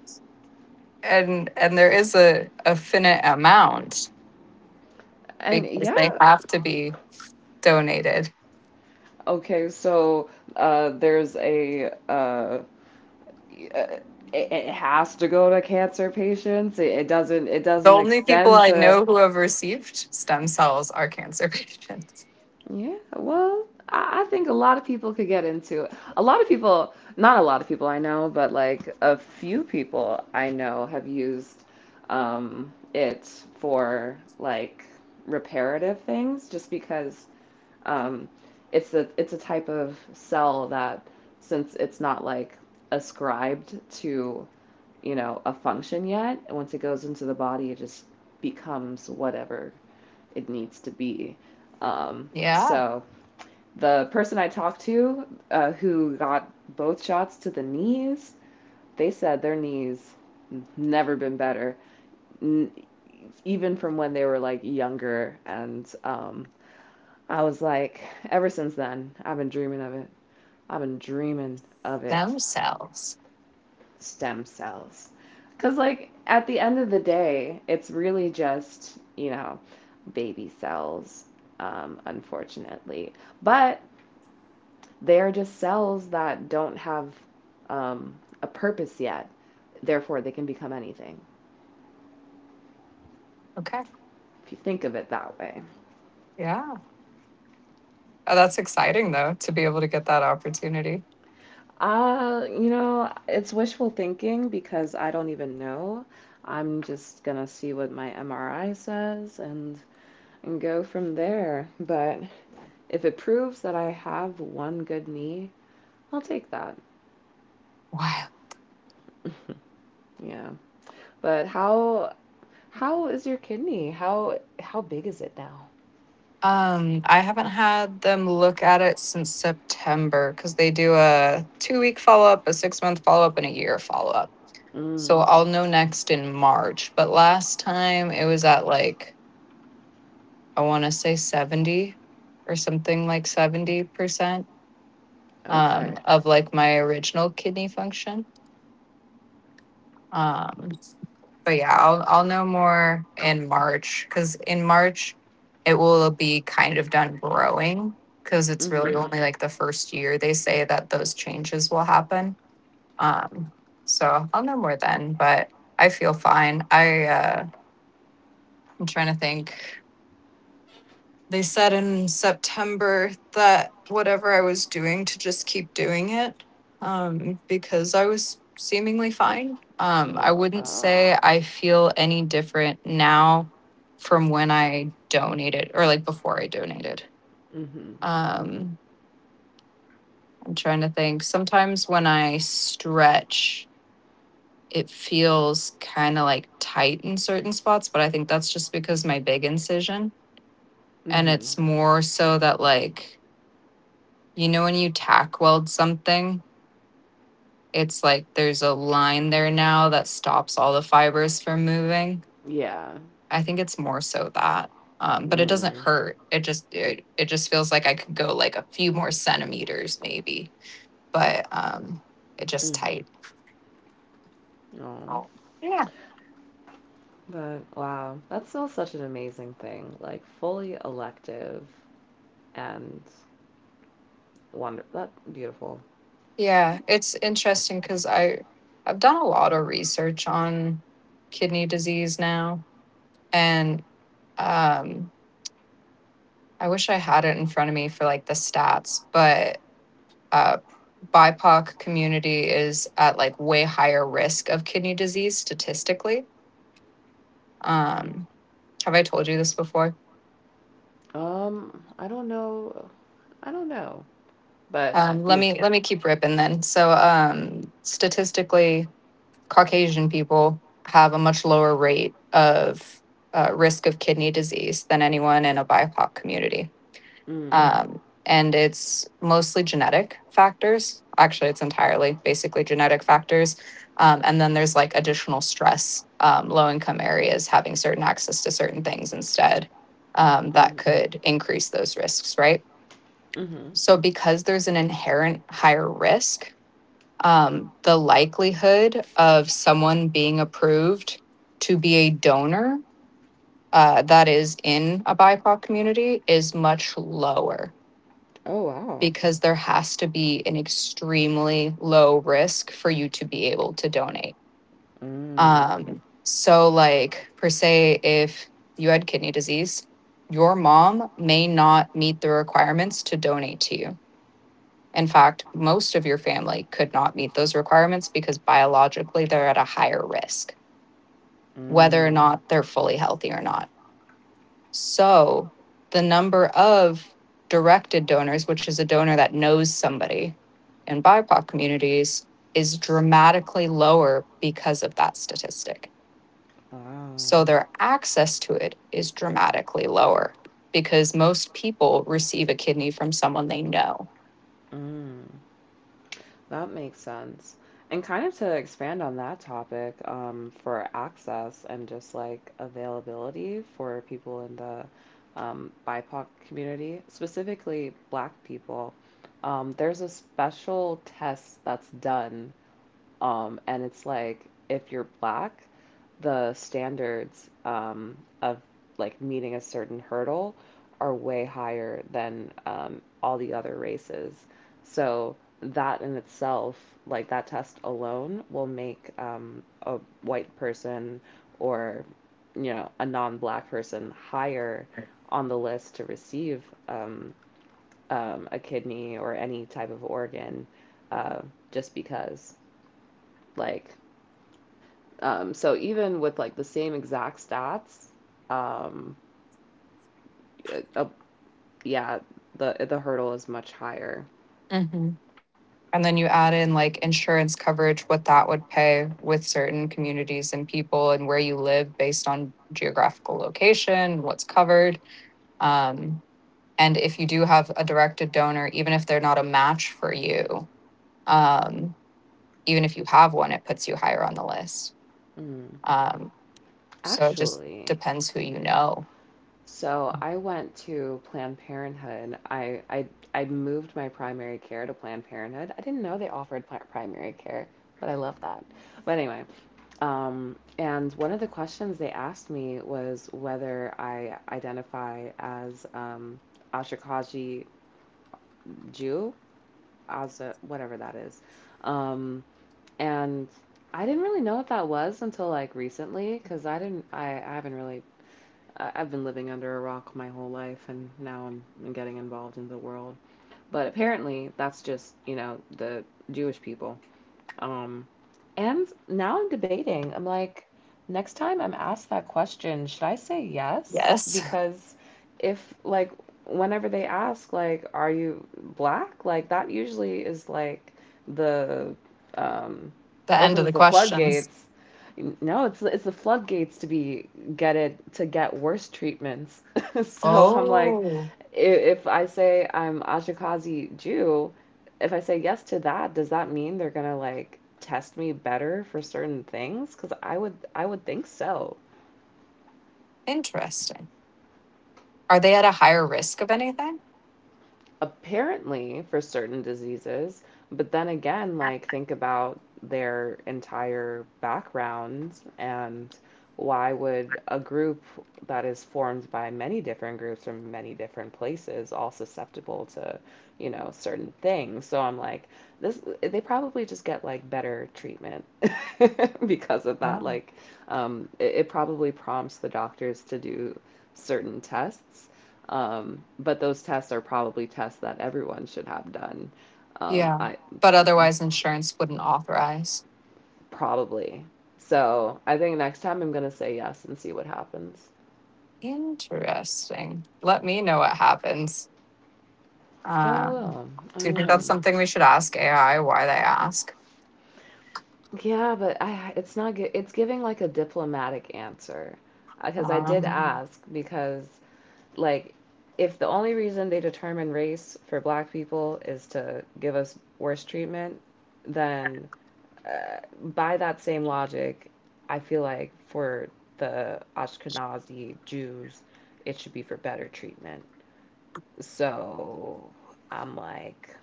Speaker 2: And there is a finite amount
Speaker 1: And
Speaker 2: because they
Speaker 1: yeah,
Speaker 2: have to be donated.
Speaker 1: okay, so uh, there's a. Uh, it, it has to go to cancer patients. It doesn't. It
Speaker 2: The
Speaker 1: doesn't
Speaker 2: only people
Speaker 1: extend
Speaker 2: I
Speaker 1: to.
Speaker 2: know who have received stem cells are cancer patients.
Speaker 1: Yeah, well, I think a lot of people could get into it. A lot of people, not a lot of people I know, but like a few people I know have used it for like reparative things just because um, it's a type of cell that since it's not like ascribed to a function yet. And once it goes into the body, it just becomes whatever it needs to be.
Speaker 2: Yeah.
Speaker 1: So the person I talked to who got both shots to the knees, they said their knees never been better, n- even from when they were like younger. And I was like, ever since then, I've been dreaming of it. I've been dreaming of it
Speaker 2: Themselves.
Speaker 1: stem cells. Because, like, at the end of the day, it's really just, you know, baby cells, unfortunately. But they're just cells that don't have um, a purpose yet. Therefore, they can become anything,
Speaker 2: Okay.
Speaker 1: if you think of it that way.
Speaker 2: Yeah. Oh, that's exciting though to be able to get that opportunity.
Speaker 1: You know, it's wishful thinking because I don't even know. I'm just gonna see what my MRI says and go from there. But if it proves that I have one good knee, I'll take that.
Speaker 2: Wow.
Speaker 1: Yeah. But how is your kidney? How big is it now?
Speaker 2: I haven't had them look at it since September because they do a 2-week follow up, a 6-month follow up, and a year follow up. So
Speaker 1: Mm.
Speaker 2: I'll know next in March. But last time it was at like, I want to say 70, or something like 70%
Speaker 1: Okay.
Speaker 2: of like my original kidney function. Um, but yeah, I'll know more in March, because in March it will be kind of done growing, because it's really
Speaker 1: Mhm.
Speaker 2: only like the first year they say that those changes will happen. Um, so I'll know more then, but I feel fine. I'm trying to think. They said in September that whatever I was doing to just keep doing it, because I was seemingly fine. I
Speaker 1: Oh,
Speaker 2: wouldn't
Speaker 1: um.
Speaker 2: say I feel any different now from when I donated or like before I donated.
Speaker 1: Mhm.
Speaker 2: Um, I'm trying to think. Sometimes when I stretch, it feels kind of like tight in certain spots, but I think that's just because my big incision. And
Speaker 1: Mhm.
Speaker 2: it's more so that, like, you know, when you tack weld something, it's like there's a line there now that stops all the fibers from moving.
Speaker 1: Yeah.
Speaker 2: I think it's more so that. But it doesn't
Speaker 1: Mhm.
Speaker 2: hurt. It just feels like I could go like a few more centimeters maybe, but it just tight.
Speaker 1: Mhm. Oh.
Speaker 2: Oh. Yeah.
Speaker 1: But wow, that's still such an amazing thing. Like fully elective and wonder that beautiful.
Speaker 2: Yeah, it's interesting cuz I've done a lot of research on kidney disease now and um I wish I had it in front of me for like the stats, but uh, BIPOC community is at like way higher risk of kidney disease statistically. Um, have I told you this before?
Speaker 1: I don't know. I don't know. But
Speaker 2: Um, let
Speaker 1: these,
Speaker 2: me let me keep ripping then. So statistically, Caucasian people have a much lower rate of risk of kidney disease than anyone in a BIPOC community.
Speaker 1: mm,
Speaker 2: Um, and it's mostly genetic factors. Actually, it's entirely basically genetic factors. And then there's like additional stress, low income areas having certain access to certain things instead that
Speaker 1: mm,
Speaker 2: could increase those risks, right?
Speaker 1: mm-hmm.
Speaker 2: So, because there's an inherent higher risk, the likelihood of someone being approved to be a donor that is in a BIPOC community is much lower
Speaker 1: Oh wow.
Speaker 2: because there has to be an extremely low risk for you to be able to donate.
Speaker 1: Mm,
Speaker 2: So, like, per se, if you had kidney disease, your mom may not meet the requirements to donate to you. In fact, most of your family could not meet those requirements because biologically they're at a higher risk, whether or
Speaker 1: mm,
Speaker 2: not they're fully healthy or not. So the number of directed donors, which is a donor that knows somebody in BIPOC communities, is dramatically lower because of that statistic.
Speaker 1: wow.
Speaker 2: So their access to it is dramatically lower because most people receive a kidney from someone they know.
Speaker 1: Mm, that makes sense. And kind of to expand on that topic, for access and just like availability for people in the BIPOC community, specifically Black people, there's a special test that's done, and it's like if you're Black, the standards of like meeting a certain hurdle are way higher than all the other races. So that in itself, like that test alone, will make a white person or a non-black person higher on the list to receive a kidney or any type of organ, uh, just because, like, so even with like the same exact stats, um, it- uh, yeah, the hurdle is much higher.
Speaker 2: hmm And then you add in like insurance coverage, what that would pay with certain communities and people and where you live based on geographical location, what's covered. Um, And if you do have a directed donor, even if they're not a match for you, um, even if you have one, it puts you higher on the list.
Speaker 1: Mm.
Speaker 2: Um, so it just
Speaker 1: Actually,
Speaker 2: depends who you know.
Speaker 1: so I went to Planned Parenthood. I moved my primary care to Planned Parenthood. I didn't know they offered primary care, but I love that. But anyway, and one of the questions they asked me was whether I identify as Ashkenazi Jew Asda, whatever that is. Um, and I didn't really know what that was until like recently because I didn't, I haven't really, I, I've been living under a rock my whole life and now I'm getting involved in the world. But apparently that's just, you know, the Jewish people. Um, and now I'm debating. I'm like, next time I'm asked that question, should I say yes?
Speaker 2: Yes.
Speaker 1: Because if, like, whenever they ask, like, are you black? Like, that usually is like the, um,
Speaker 2: The end of
Speaker 1: opens
Speaker 2: the
Speaker 1: the
Speaker 2: questions.
Speaker 1: floodgates. No, it's the floodgates to be get it to get worse treatments. So I'm like,
Speaker 2: Oh,
Speaker 1: if I say I'm Ashkenazi Jew, if I say yes to that, does that mean they're gonna like test me better for certain things? Because I would think so.
Speaker 2: interesting. Are they at a higher risk of anything?
Speaker 1: Apparently for certain diseases, but then again, like, think about their entire background, and why would a group that is formed by many different groups from many different places all susceptible to, you know, certain things. So I'm like, this, they probably just get like better treatment because of that.
Speaker 2: Yeah.
Speaker 1: Like, it, it probably prompts the doctors to do certain tests, but those tests are probably tests that everyone should have done.
Speaker 2: Yeah.
Speaker 1: I
Speaker 2: But otherwise, insurance wouldn't authorize.
Speaker 1: Probably. So I think next time I'm gonna say yes and see what happens.
Speaker 2: Interesting. Let me know what happens.
Speaker 1: I
Speaker 2: Um,
Speaker 1: will. I
Speaker 2: do you think
Speaker 1: will.
Speaker 2: that's something we should ask AI? Why they ask?
Speaker 1: Yeah, but I, it's not good. It's giving like a diplomatic answer because I did
Speaker 2: Um,
Speaker 1: ask. Because, like, if the only reason they determine race for black people is to give us worse treatment, then by that same logic, I feel like for the Ashkenazi Jews, it should be for better treatment. So I'm like,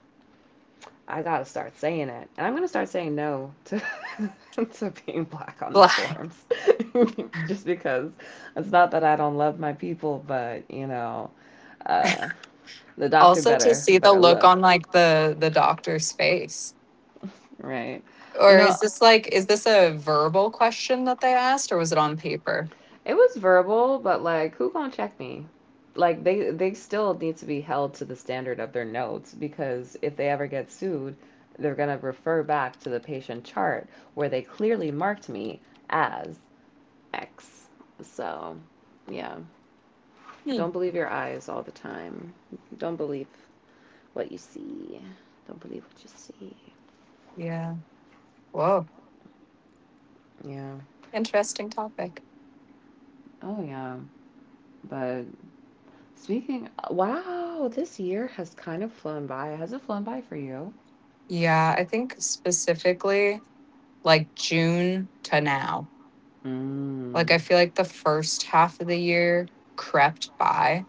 Speaker 1: I gotta start saying it, and I'm gonna start saying no to to being black on the
Speaker 2: Like,
Speaker 1: forums, just because it's not that I don't love my people, but you know, uh, the doctor
Speaker 2: also to see the
Speaker 1: better
Speaker 2: look
Speaker 1: look,
Speaker 2: on like the doctor's face.
Speaker 1: right? You
Speaker 2: Or is
Speaker 1: know,
Speaker 2: this like is this a verbal question that they asked or was it on paper?
Speaker 1: it was verbal, but, like, who gonna check me? Like, they still need to be held to the standard of their notes, because if they ever get sued, they're gonna refer back to the patient chart where they clearly marked me as X. So, yeah,
Speaker 2: Hmm.
Speaker 1: don't believe your eyes all the time. Don't believe what you see. Don't believe what you see.
Speaker 2: Yeah. Whoa.
Speaker 1: Yeah.
Speaker 2: Interesting topic.
Speaker 1: Oh, yeah. But speaking, wow, this year has kind of flown by. Has it flown by for you?
Speaker 2: Yeah, I think specifically like June to now.
Speaker 1: Mm.
Speaker 2: Like I feel like the first half of the year crept by.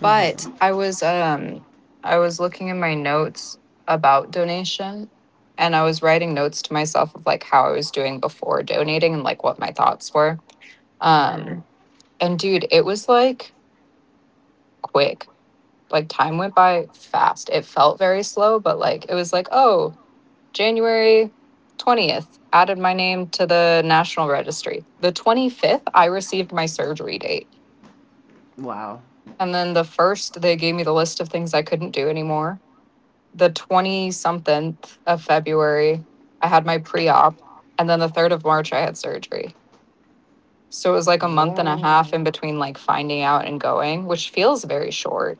Speaker 2: But
Speaker 1: Mhm.
Speaker 2: I was looking in my notes about donation and I was writing notes to myself of like how I was doing before donating and like what my thoughts were.
Speaker 1: Mhm.
Speaker 2: Um and dude, it was like quick. Like time went by fast. It felt very slow, but like it was like, oh, January 20th added my name to the national registry. The 25th I received my surgery date.
Speaker 1: Wow.
Speaker 2: And then the first they gave me the list of things I couldn't do anymore, the 20 something of February, I had my pre op. And then the 3rd of March, I had surgery. So it was like a month and a half
Speaker 1: Wow.
Speaker 2: in between like finding out and going, which feels very short.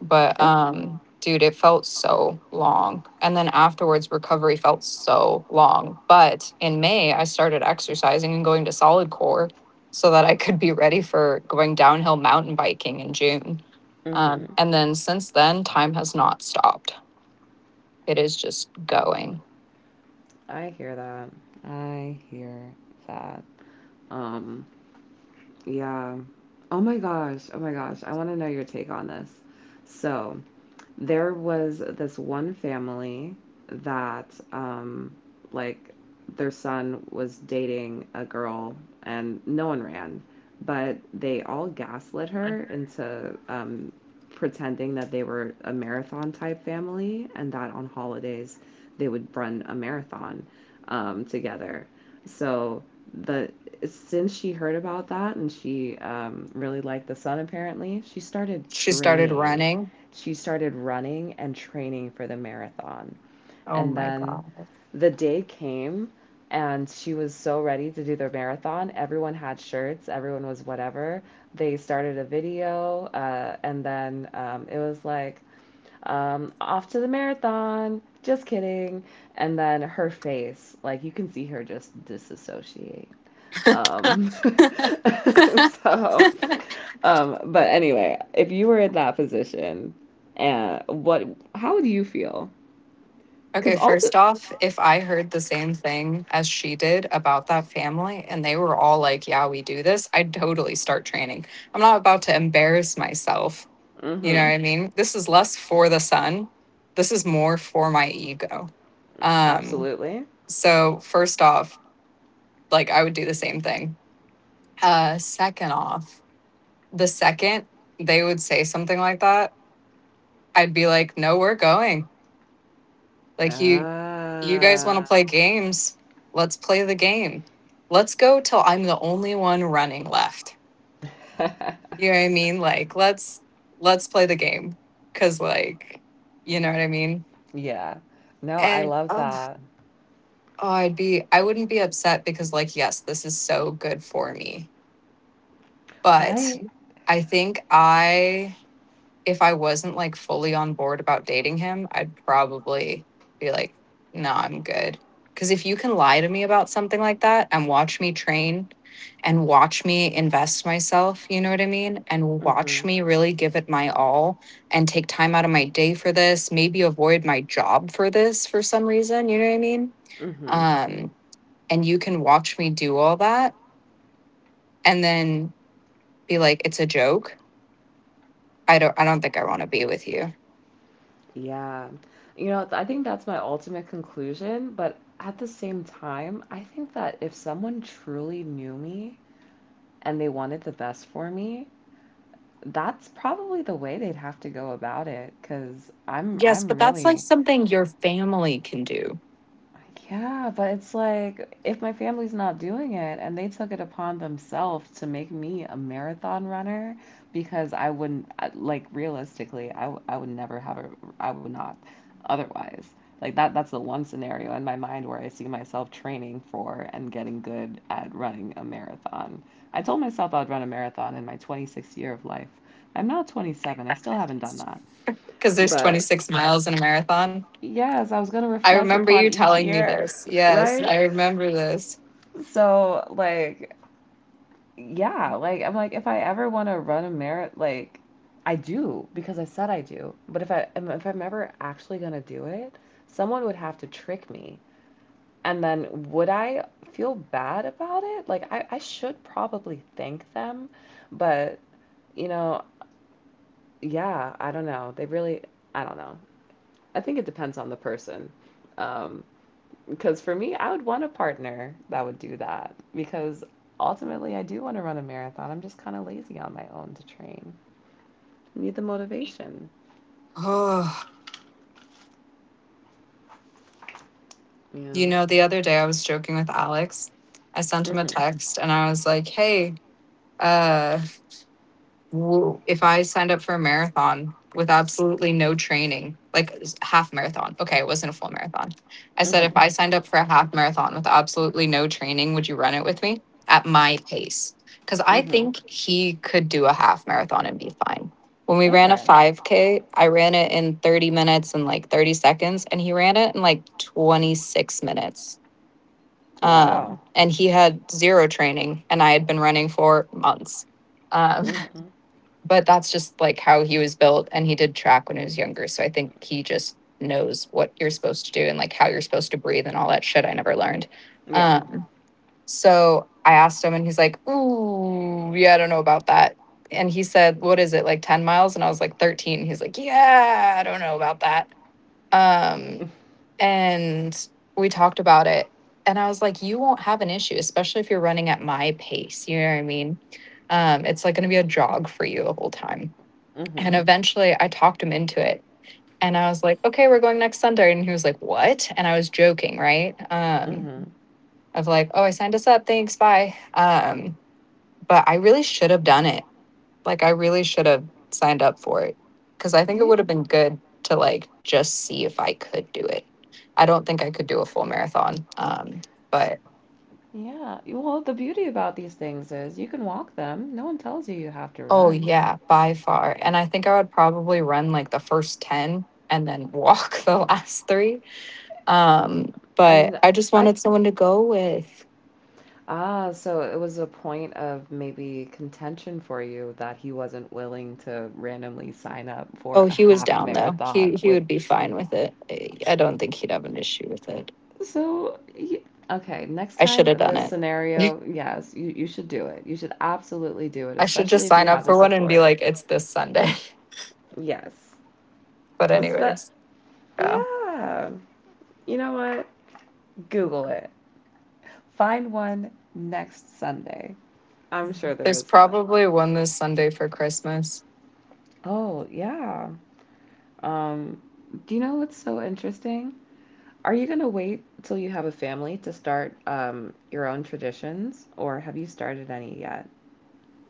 Speaker 2: But
Speaker 1: It,
Speaker 2: dude, it felt so long. And then afterwards, recovery felt so long. But in May, I started exercising and going to solid core so that I could be ready for going downhill mountain biking in June.
Speaker 1: mhm.
Speaker 2: And then since then, time has not stopped. It is just going.
Speaker 1: I hear that. I hear that. Um. Yeah. Oh my gosh. Oh my gosh. I want to know your take on this. So there was this one family that, like, their son was dating a girl, and no one ran. But they all gaslit her into pretending that they were a marathon type family and that on holidays they would run a marathon together. So the since she heard about that and she really liked the son apparently, she started
Speaker 2: She started
Speaker 1: training.
Speaker 2: running.
Speaker 1: She started running and training for the marathon.
Speaker 2: Oh
Speaker 1: And
Speaker 2: my
Speaker 1: then
Speaker 2: God.
Speaker 1: the day came and she was so ready to do their marathon. Everyone had shirts, everyone was whatever. They started a video, and then it was like, off to the marathon, just kidding. And then her face, like, you can see her just disassociate. Um, so, but anyway, if you were in that position, and how would you feel? Because
Speaker 2: Okay, first off, if I heard the same thing as she did about that family and they were all like, yeah, we do this, I'd totally start training. I'm not about to embarrass myself. You know
Speaker 1: Mm-hmm.
Speaker 2: what I mean? This is less for the sun. This is more for my ego. Um,
Speaker 1: Absolutely.
Speaker 2: so first off, like I would do the same thing. Second off, the second they would say something like that, I'd be like, no, we're going. Like you guys want to
Speaker 1: Ah.
Speaker 2: play games? Let's play the game. Let's go till I'm the only one running left. You know what I mean? Like let's play the game cuz like you know what I mean?
Speaker 1: Yeah. No, I
Speaker 2: And
Speaker 1: love
Speaker 2: oh,
Speaker 1: that.
Speaker 2: oh, I wouldn't be upset because like yes, this is so good for me. But
Speaker 1: Right?
Speaker 2: I think I if I wasn't like fully on board about dating him, I'd probably be like, no, I'm good. Because if you can lie to me about something like that and watch me train and watch me invest myself, you know what I mean? And watch
Speaker 1: Mm-hmm.
Speaker 2: me really give it my all and take time out of my day for this, maybe avoid my job for this for some reason, you know what I mean?
Speaker 1: Mm-hmm.
Speaker 2: Um, and you can watch me do all that and then be like, it's a joke. I don't think I want to be with you.
Speaker 1: Yeah. You know, I think that's my ultimate conclusion, but at the same time, I think that if someone truly knew me and they wanted the best for me, that's probably the way they'd have to go about it, 'cause
Speaker 2: Yes,
Speaker 1: I'm
Speaker 2: but that's like
Speaker 1: really.
Speaker 2: something your family can do
Speaker 1: Yeah, but it's like if my family's not doing it and they took it upon themselves to make me a marathon runner, because I wouldn't I- like realistically, I would never have a, I would not, otherwise. Like that's the one scenario in my mind where I see myself training for and getting good at running a marathon. I told myself I'd run a marathon in my 26th year of life. I'm now 27. I still haven't done that.
Speaker 2: because there's
Speaker 1: But
Speaker 2: 26 miles in a marathon.
Speaker 1: yes, I was going to
Speaker 2: I
Speaker 1: reflect
Speaker 2: remember you
Speaker 1: upon each
Speaker 2: telling me
Speaker 1: year,
Speaker 2: this. Yes,
Speaker 1: right?
Speaker 2: I remember this.
Speaker 1: So, like, yeah, like, I'm like, if I ever want to run a marathon, like, I do because I said I do. But if I'm ever actually gonna do it, someone would have to trick me. And then would I feel bad about it? Like, I should probably thank them, but, you know, yeah, I don't know. They really, I don't know. I think it depends on the person. Um, Because for me, I would want a partner that would do that because ultimately I do want to run a marathon. I'm just kind of lazy on my own to train. I need the motivation.
Speaker 2: Oh,
Speaker 1: Yeah.
Speaker 2: you know, the other day I was joking with Alex. I sent him a
Speaker 1: Mhm.
Speaker 2: text and I was like, hey, uh, if I signed up for a marathon with absolutely no training, like half marathon, okay, it wasn't a full marathon. I said, if
Speaker 1: Mhm.
Speaker 2: I signed up for a half marathon with absolutely no training, would you run it with me at my pace? Because I
Speaker 1: Mhm.
Speaker 2: think he could do a half marathon and be fine. When we ran a
Speaker 1: Okay.
Speaker 2: 5K, I ran it in 30 minutes and like 30 seconds, and he ran it in like 26 minutes.
Speaker 1: Wow.
Speaker 2: And he had zero training, and I had been running for months. Um,
Speaker 1: Mhm.
Speaker 2: but that's just like how he was built and he did track when he was younger, so I think he just knows what you're supposed to do and like how you're supposed to breathe and all that shit I never learned.
Speaker 1: Yeah.
Speaker 2: um so I asked him and he's like, ooh, yeah, I don't know about that. And he said, what is it, like 10 miles? And I was like, 13. He's like, yeah, I don't know about that. um and we talked about it and I was like, you won't have an issue, especially if you're running at my pace, you know what I mean? It's like going to be a jog for you the whole time. And
Speaker 1: Mhm.
Speaker 2: eventually I talked him into it. And I was like, okay, we're going next Sunday. And he was like, what? And I was joking, right?
Speaker 1: Mhm.
Speaker 2: Of like, oh, I signed us up. Thanks. Bye. But I really should have done it. Like, I really should have signed up for it because I think it
Speaker 1: Yeah.
Speaker 2: would have been good to like just see if I could do it. I don't think I could do a full marathon. But
Speaker 1: Yeah. Well, the beauty about these things is you can walk them. No one tells you you have to
Speaker 2: oh,
Speaker 1: run.
Speaker 2: yeah, by far. And I think I would probably run like the first 10 and then walk the last three. Um, but
Speaker 1: And
Speaker 2: I just
Speaker 1: I,
Speaker 2: wanted someone to go with.
Speaker 1: ah, so it was a point of maybe contention for you that he wasn't willing to randomly sign up
Speaker 2: Oh,
Speaker 1: for a
Speaker 2: he was
Speaker 1: half
Speaker 2: down though. He
Speaker 1: marathon
Speaker 2: he
Speaker 1: with.
Speaker 2: would be fine with it. I don't think he'd have an issue with it.
Speaker 1: So, okay, next
Speaker 2: I should have
Speaker 1: time
Speaker 2: done
Speaker 1: this
Speaker 2: it.
Speaker 1: scenario, yes, you should do it. You should absolutely do it,
Speaker 2: I should
Speaker 1: especially
Speaker 2: just
Speaker 1: if you
Speaker 2: sign up
Speaker 1: have the
Speaker 2: for one and be
Speaker 1: support.
Speaker 2: like, it's this Sunday.
Speaker 1: Yes.
Speaker 2: But
Speaker 1: Espe-
Speaker 2: anyways, yeah.
Speaker 1: yeah. You know what? Google it. Find one next Sunday. I'm sure there
Speaker 2: There's
Speaker 1: is one.
Speaker 2: probably one this Sunday for Christmas.
Speaker 1: Oh, yeah. Um, do you know what's so interesting? Are you going to wait till you have a family to start your own traditions, or have you started any yet?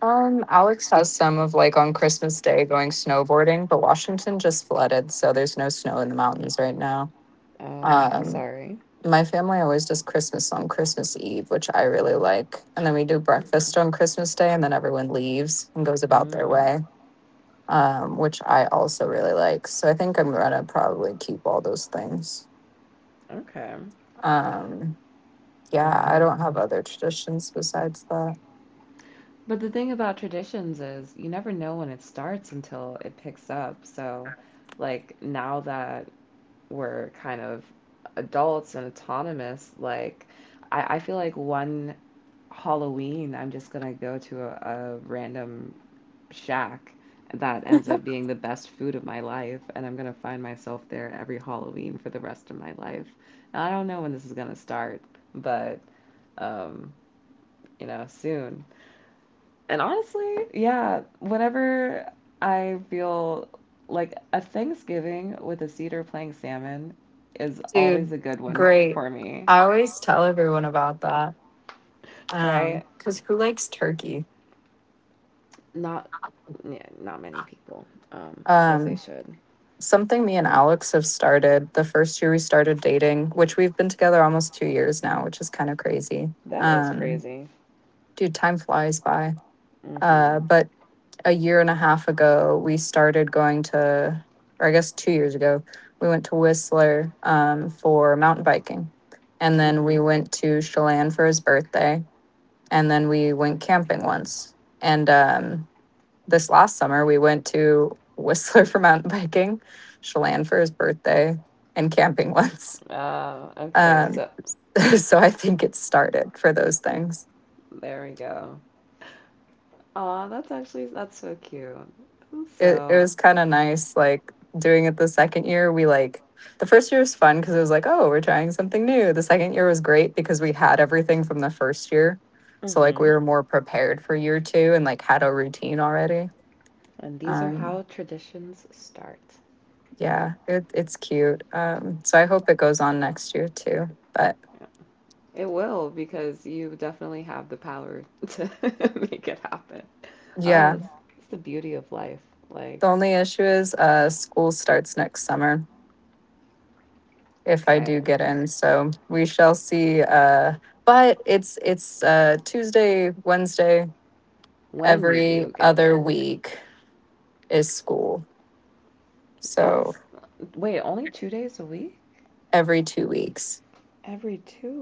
Speaker 2: Alex has some of like on Christmas Day going snowboarding, but Washington just flooded, so there's no snow in the mountains right now.
Speaker 1: Oh, I'm
Speaker 2: Um,
Speaker 1: sorry.
Speaker 2: My family always does Christmas on Christmas Eve, which I really like. And then we do breakfast
Speaker 1: Mm-hmm.
Speaker 2: on Christmas Day, and then everyone leaves and goes about their
Speaker 1: Mm,
Speaker 2: way, which I also really like. So I think I'm going to probably keep all those things.
Speaker 1: okay.
Speaker 2: Um, yeah, I
Speaker 1: Yeah.
Speaker 2: don't have other traditions besides that.
Speaker 1: But the thing about traditions is you never know when it starts until it picks up. So, like, now that we're kind of adults and autonomous, like, I feel like one Halloween, I'm just gonna go to a random shack that ends up being the best food of my life, and I'm going to find myself there every Halloween for the rest of my life. And I don't know when this is going to start, but, um you know, soon. And honestly, yeah, whenever I feel like a Thanksgiving with a cedar playing salmon is always
Speaker 2: Dude,
Speaker 1: a good one
Speaker 2: great.
Speaker 1: for me.
Speaker 2: I always tell everyone about that.
Speaker 1: Right?
Speaker 2: 'Cause because who likes turkey?
Speaker 1: Not, yeah, not many people, um, as they
Speaker 2: Um,
Speaker 1: should.
Speaker 2: Something me and Alex have started the first year we started dating, which we've been together almost 2 years now, which is kind of crazy.
Speaker 1: That is crazy.
Speaker 2: Dude, time flies by.
Speaker 1: Mhm.
Speaker 2: But a year and a half ago, we started going to, or I guess 2 years ago, we went to Whistler for mountain biking. And then we went to Chelan for his birthday. And then we went camping once. And This last summer we went to Whistler for mountain biking, Chelan for his birthday, and camping once.
Speaker 1: Ah, okay,
Speaker 2: Um,
Speaker 1: so
Speaker 2: so I think it started for those things.
Speaker 1: there we go. Aw, that's actually that's so cute.
Speaker 2: It
Speaker 1: So,
Speaker 2: was kind of nice, like doing it the second year. We like the first year was fun because it was like, oh, we're trying something new. The second year was great because we had everything from the first year. So like we
Speaker 1: hmm,
Speaker 2: were more prepared for year two and like had a routine already.
Speaker 1: and these are
Speaker 2: Um
Speaker 1: how traditions start.
Speaker 2: yeah, it's cute. So I hope it goes on next year too. But
Speaker 1: Yeah. It will because you definitely have the power to make it happen. Oh,
Speaker 2: yeah.
Speaker 1: that's the beauty of life. Like,
Speaker 2: The only issue is school starts next summer if I
Speaker 1: okay,
Speaker 2: do get in. So we shall see. But it's Tuesday, Wednesday
Speaker 1: when you
Speaker 2: every
Speaker 1: do get
Speaker 2: other
Speaker 1: in,
Speaker 2: week is school. So
Speaker 1: that's, wait, only two days a week?
Speaker 2: every 2 weeks.
Speaker 1: Every two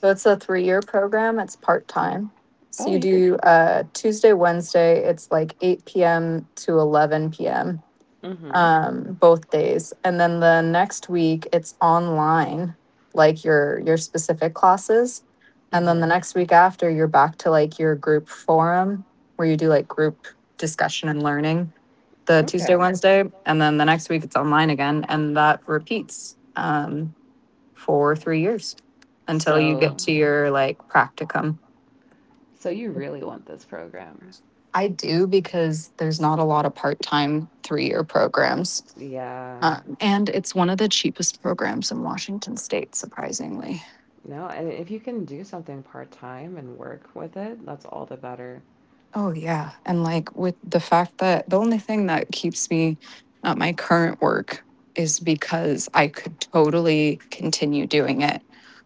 Speaker 2: So it's a 3-year program. It's part-time. So
Speaker 1: Oh,
Speaker 2: you
Speaker 1: you could.
Speaker 2: do Tuesday, Wednesday, it's like 8 p.m. to 11 p.m.
Speaker 1: Mm-hmm.
Speaker 2: Both days, and then the next week it's online, like your specific classes, and then the
Speaker 1: Mm-hmm.
Speaker 2: next week after you're back to like your group forum, where you do like group discussion and learning the Tuesday
Speaker 1: Okay.
Speaker 2: Wednesday, and then the next week it's online again, and that repeats for 3 years until you get
Speaker 1: So,
Speaker 2: to your like practicum.
Speaker 1: so you really want this program.
Speaker 2: I do because there's not a lot of part-time 3-year programs.
Speaker 1: Yeah.
Speaker 2: And it's one of the cheapest programs in Washington state, surprisingly.
Speaker 1: No, and if you can do something part time and work with it, that's all the better.
Speaker 2: Oh, yeah. And like with the fact that the only thing that keeps me at my current work is because I could totally continue doing it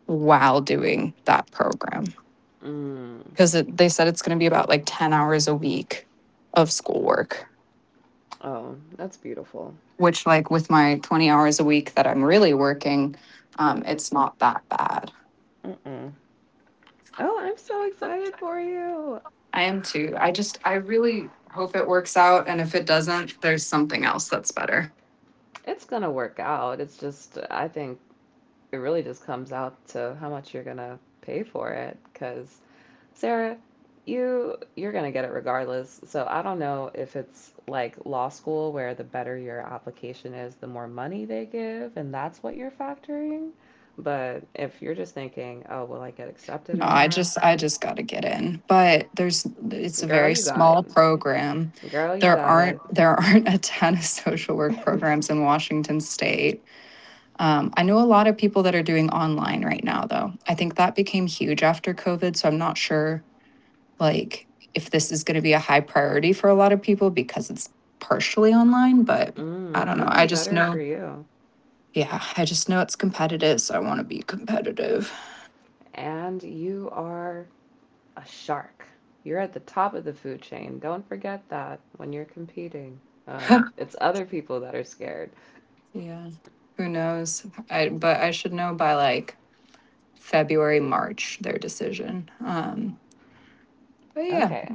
Speaker 2: while doing that program.
Speaker 1: Mm.
Speaker 2: Because they said it's going to be about like 10 hours a week of schoolwork,
Speaker 1: Oh, that's beautiful.
Speaker 2: which, like, with my 20 hours a week that I'm really working, it's not that bad.
Speaker 1: Mm-mm. Oh, I'm so excited for you.
Speaker 2: I am too. I really hope it works out. And if it doesn't, there's something else that's better.
Speaker 1: It's gonna work out. It's just, I think it really just comes out to how much you're gonna pay for it, because Sarah, you're gonna get it regardless. So I don't know if it's like law school where the better your application is, the more money they give, and that's what you're factoring. But if you're just thinking, oh, will I get accepted
Speaker 2: No,
Speaker 1: or not?
Speaker 2: I just got to get in. But it's a
Speaker 1: Girl,
Speaker 2: very
Speaker 1: you got it.
Speaker 2: small program.
Speaker 1: Girl, you got it.
Speaker 2: There aren't a ton of social work programs in Washington state. I know a lot of people that are doing online right now, though. I think that became huge after COVID. So I'm not sure, like, if this is going to be a high priority for a lot of people because it's partially online. But I
Speaker 1: Mm,
Speaker 2: don't know. I
Speaker 1: even
Speaker 2: just
Speaker 1: better for
Speaker 2: know
Speaker 1: you.
Speaker 2: Yeah, I just know it's competitive, so I want to be competitive.
Speaker 1: And you are a shark. You're at the top of the food chain. Don't forget that when you're competing. It's other people that are scared.
Speaker 2: Yeah, who knows? I But I should know by like February, March their decision. But yeah,
Speaker 1: Okay.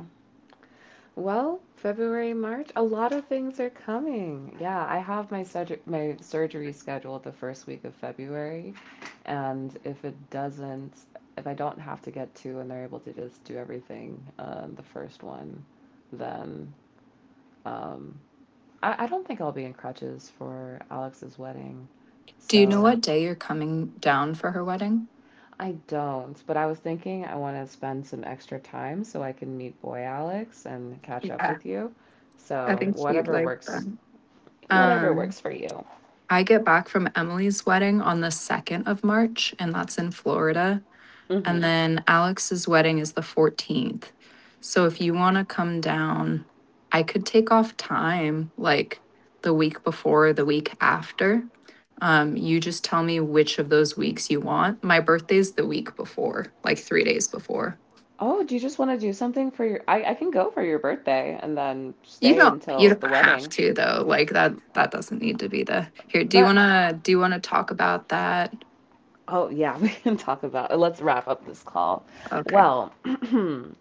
Speaker 1: Well, February, March, a lot of things are coming. Yeah, I have my surgery scheduled the first week of February, and if it doesn't, if I don't have to get two and they're able to just do everything, the first one, then, um, I don't think I'll be in crutches for Alex's wedding.
Speaker 2: do you know
Speaker 1: So
Speaker 2: what day you're coming down for her wedding?
Speaker 1: I don't, but I was thinking I want to spend some extra time so I can meet boy Alex and catch up
Speaker 2: Yeah,
Speaker 1: with you.
Speaker 2: I
Speaker 1: So
Speaker 2: think she would like that.
Speaker 1: whatever
Speaker 2: Um,
Speaker 1: works for you.
Speaker 2: I get back from Emily's wedding on the 2nd of March, and that's in Florida. And
Speaker 1: Hmm.
Speaker 2: then Alex's wedding is the 14th. So if you want to come down, I could take off time like the week before, the week after. You just tell me which of those weeks you want. My birthday's the week before, like 3 days before.
Speaker 1: Oh, do you just want to do something for your? I can go for your birthday and then
Speaker 2: You
Speaker 1: stay
Speaker 2: don't you
Speaker 1: until the
Speaker 2: don't have
Speaker 1: wedding.
Speaker 2: to though. Like that doesn't need to be the here. Do you
Speaker 1: But
Speaker 2: wanna talk about that?
Speaker 1: oh yeah, we can talk about. Let's wrap up this call.
Speaker 2: Okay.
Speaker 1: Well,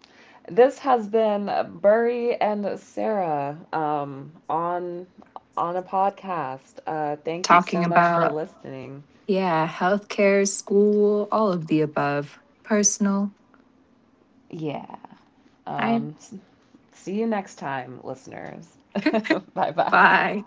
Speaker 1: this has been Burry and Sarah on a podcast. Thank you
Speaker 2: Talking
Speaker 1: so much for
Speaker 2: about,
Speaker 1: listening.
Speaker 2: yeah, healthcare, school, all of the above. Personal.
Speaker 1: Yeah.
Speaker 2: I.
Speaker 1: Um, see you next time, listeners. Bye bye.
Speaker 2: Bye.